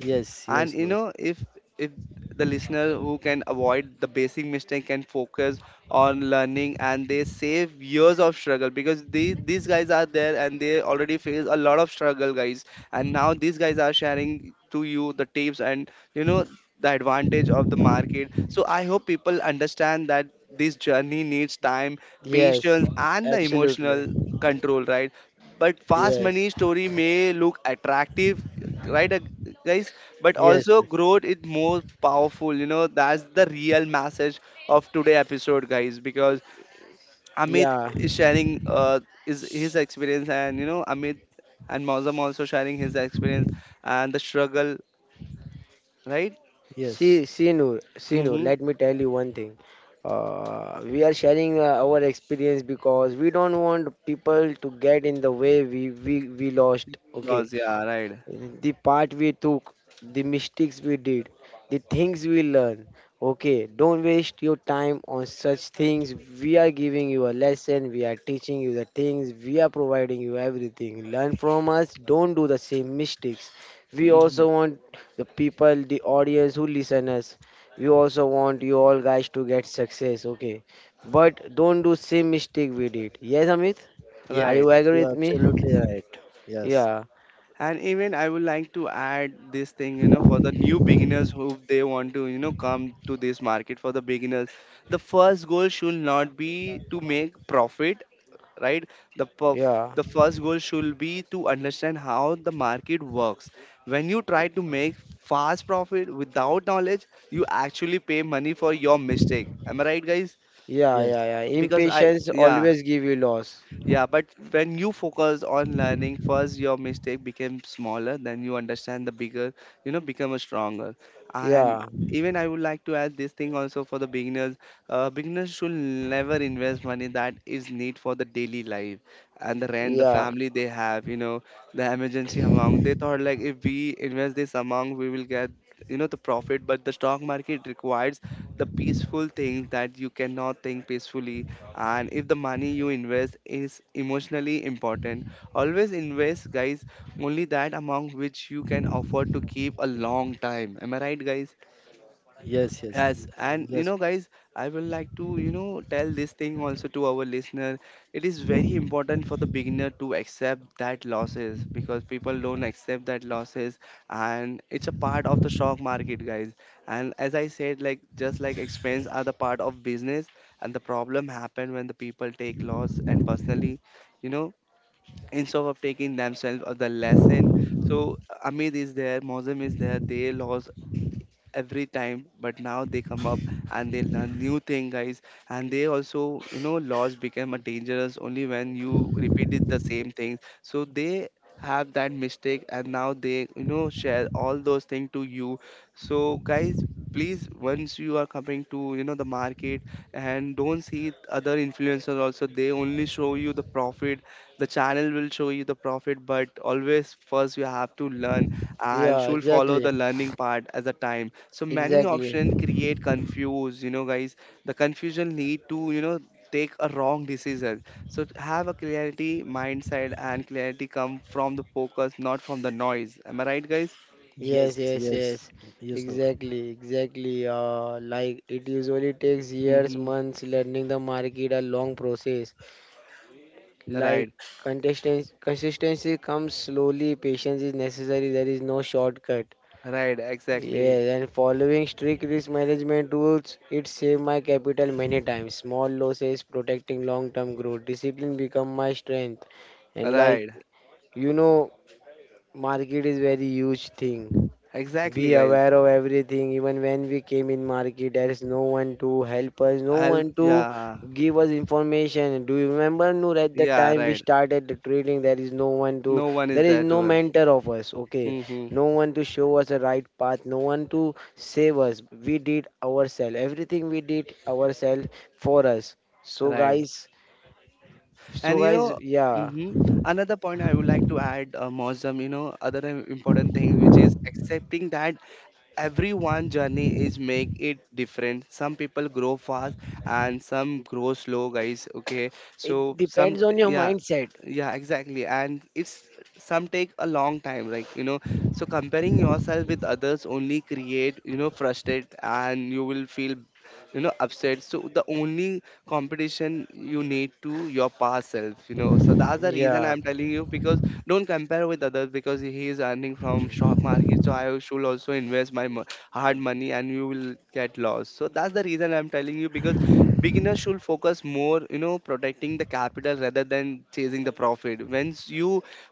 yes, and yes, you no. know if the listener who can avoid the basic mistake can focus on learning and they save years of struggle because these guys are there and they already face a lot of struggle guys and now these guys are sharing to you the tips and you know the advantage of the market so I hope people understand that this journey needs time Yes, patience and the absolutely. emotional control right but fast Yes, money story may look attractive right guys but Yes, also growth is more powerful you know that's the real message of today episode, guys, because Amit yeah. is sharing is his experience, and you know Amit and Mozam also sharing his experience and the struggle, right? yes, Mm-hmm. Let me tell you one thing. We are sharing our experience because we don't want people to get in the way we lost. Okay, Because yeah, right. the part we took, the mistakes we did, the things we learned. Okay, don't waste your time on such things. We are giving you a lesson, we are teaching you the things, we are providing you everything. Learn from us, don't do the same mistakes. We Hmm. also want the people, the audience who listen us. We also want you all guys to get success, okay? But don't do same mistake we did. Yes, Amit? yes, Are you Right. yes. agree You are with me? absolutely right. Yes, Yeah, And even I would like to add this thing, you know, for the new beginners who they want to, you know, come to this market for the beginners. The first goal should not be to make profit right yeah. the first goal should be to understand how the market works when you try to make fast profit without knowledge you actually pay money for your mistake am I right guys Yeah, yes, yeah, yeah. because I Impatience yeah always give you loss. yeah, but when you focus on learning, first your mistake became smaller, then you understand the bigger, you know, become a stronger. And Yeah, even I would like to add this thing also for the beginners. Beginners should never invest money that is need for the daily life and the rent, the yeah, family they have, you know, the emergency amount. They thought like if we invest this amount, we will get, you know, the profit. But the stock market requires the peaceful things that you cannot think peacefully and if the money you invest is emotionally important always invest guys only that amount which you can afford to keep a long time am I right guys. yes, yes, Yes, and you know, guys, I will like to, you know, tell this thing also to our listener. It is very important for the beginner to accept that losses because people don't accept that losses, and it's a part of the stock market, guys. And as I said, like just like expense are the part of business, and the problem happen when the people take loss and personally, you know, instead of taking themselves of the lesson. So Amit is there, Mozam is there, they lost every time but now they come up and they learn new thing guys and they also you know laws become a dangerous only when you repeated the same thing so they have that mistake and now they you know share all those things to you so guys please once you are coming to you know the market and don't see other influencers also they only show you the profit the channel will show you the profit but always first you have to learn and yeah, she will follow exactly. the learning part as a time so many Exactly. options create confuse you know guys the confusion lead to you know take a wrong decision so to have a clarity mindset and clarity come from the focus not from the noise am I right guys yes, Yes, yes, yes, yes. yes, yes, Noor. Exactly, exactly. Like it usually takes years, mm-hmm. months learning the market, a long process. Right, Like consistency comes slowly, patience is necessary, there is no shortcut. right, exactly Yeah, and following strict risk management rules, it saved my capital many times. Small losses, protecting long-term growth, discipline become my strength. And like right, you know, market is very huge thing. exactly Be guys aware of everything. Even when we came in market, there is no one to help us, no I'll one to yeah give us information. Do you remember, Noor, at the yeah time we right started the trading, there is no one to, no one is there is there to no her. mentor of us. Okay, Mm-hmm. no one to show us a right path, no one to save us. We did ourselves. Everything we did ourselves for us. So Right. guys, And you know, yeah, hmm, another point I would like to add, Mozam, you know, other important thing which is accepting that everyone journey is make it different. Some people grow fast and some grow slow, guys. Okay, it so depends on your yeah, mindset. yeah, exactly, and it's some take a long time, like you know. So comparing yourself with others only create you know frustrate, and you will feel you know upset so the only competition you need to your past self you know so that's the reason Yeah. I'm telling you because don't compare with others because he is earning from stock market so I should also invest hard money and you will get lost so that's the reason I'm telling you because beginners should focus more you know protecting the capital rather than chasing the profit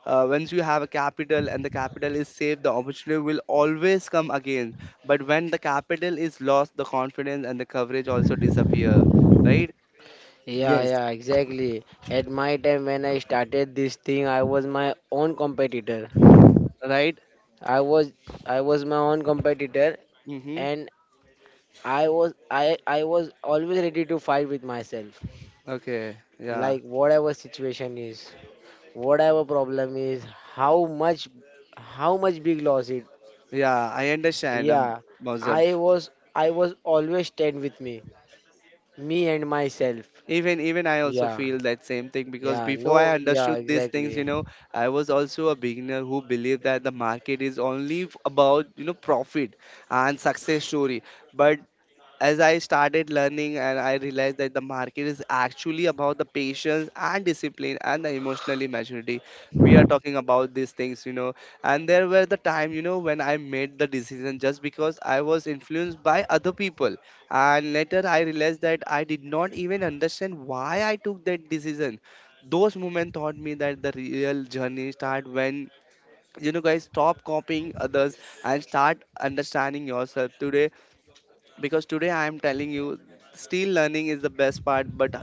once you have a capital and the capital is safe the opportunity will always come again but when the capital is lost the confidence and the coverage also disappear right Yeah, Yes, yeah, exactly. At my time when I started this thing, I was my own competitor. right I was I was my own competitor mm-hmm. and I was I was always ready to fight with myself. Okay yeah Like whatever situation is, whatever problem is, how much how much big loss it. yeah I understand I'm Yeah. Muslim. I was I was always stand with me. Me and myself. Even I also Yeah. feel that same thing because Yeah, before I no, yeah, understood these things exactly. you know I was also a beginner who believed that the market is only about you know profit and success story but as I started learning and I realized that the market is actually about the patience and discipline and the emotionally maturity. We are talking about these things, you know. And there were the time, you know, when I made the decision just because I was influenced by other people. And later I realized that I did not even understand why I took that decision. Those moments taught me that the real journey start when you know guys stop copying others and start understanding yourself today because today I am telling you still learning is the best part but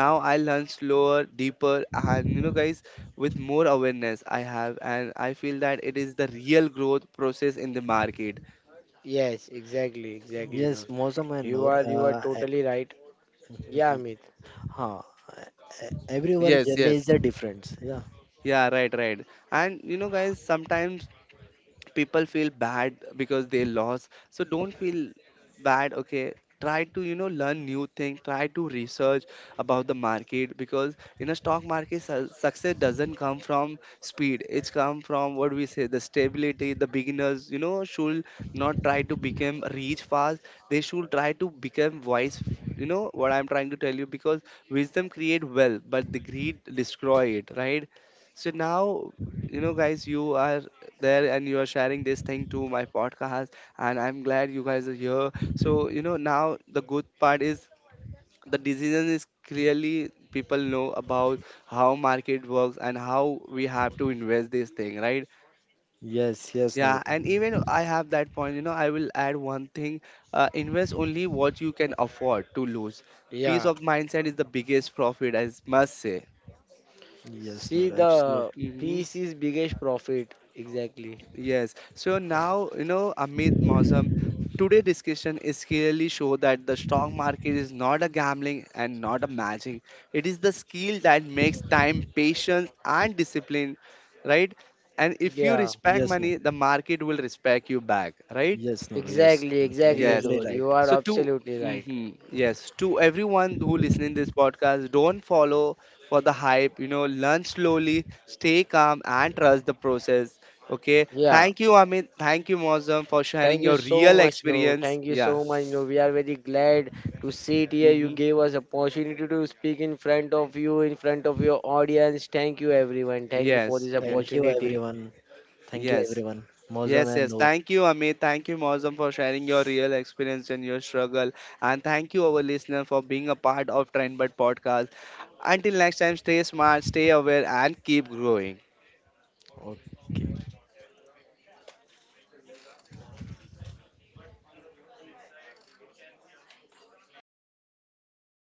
now I learn slower deeper and you know guys with more awareness I have and I feel that it is the real growth process in the market Yes, exactly, exactly, yes, no. Mosam and Noor. You are totally right. Yeah, e- Amit. huh. Everyone yes journey yes is a difference. Yeah. yeah right right and you know guys sometimes people feel bad because they lost so don't feel bad okay try to you know learn new thing try to research about the market because in a stock market success doesn't come from speed it's come from what we say the stability the beginners you know should not try to become rich fast they should try to become wise you know what I'm trying to tell you because wisdom create wealth but the greed destroy it right so now you know guys you are there and you are sharing this thing to my podcast and I'm glad you guys are here so you know now the good part is the decision is clearly people know about how market works and how we have to invest this thing right Yes, yes, Noor. yeah and even I have that point you know I will add one thing invest only what you can afford to lose peace Yeah. of mindset is the biggest profit I must say Yes, See Noor. Absolutely. the hmm. peace is biggest profit. Exactly. Yes. So now, you know, Amit Mausam, today discussion is clearly show that the stock market is not a gambling and not a magic. It is the skill that makes time, patience, and discipline, right? And if you Yeah. respect Yes, money, mom. the market will respect you back, right? Yes, Noor. Yes, Exactly, Mm, exactly, Yes. exactly Noor. right. You are So to absolutely right. hmm yes, to everyone who listening this podcast, don't follow for the hype. You know, learn slowly, stay calm, and trust the process. Okay. Yeah. Thank you, Amit. Thank you, Mozam, for Thank sharing you your so real much, Noor. experience. Thank you Yeah. so much, Noor. We are very glad to sit here. You Mm-hmm. gave us opportunity to speak in front of you, in front of your audience. Thank you, everyone. Thank you for Yes. this Yes. Thank you, opportunity. everyone. Thank you, Yes. everyone. Mozam Yes, and yes. Noor. Thank you, Amit. Thank you, Mozam, for sharing your real experience and your struggle. And thank you, our listener, for being a part of Trendbud podcast. Until next time, stay smart, stay aware, and keep growing. Okay.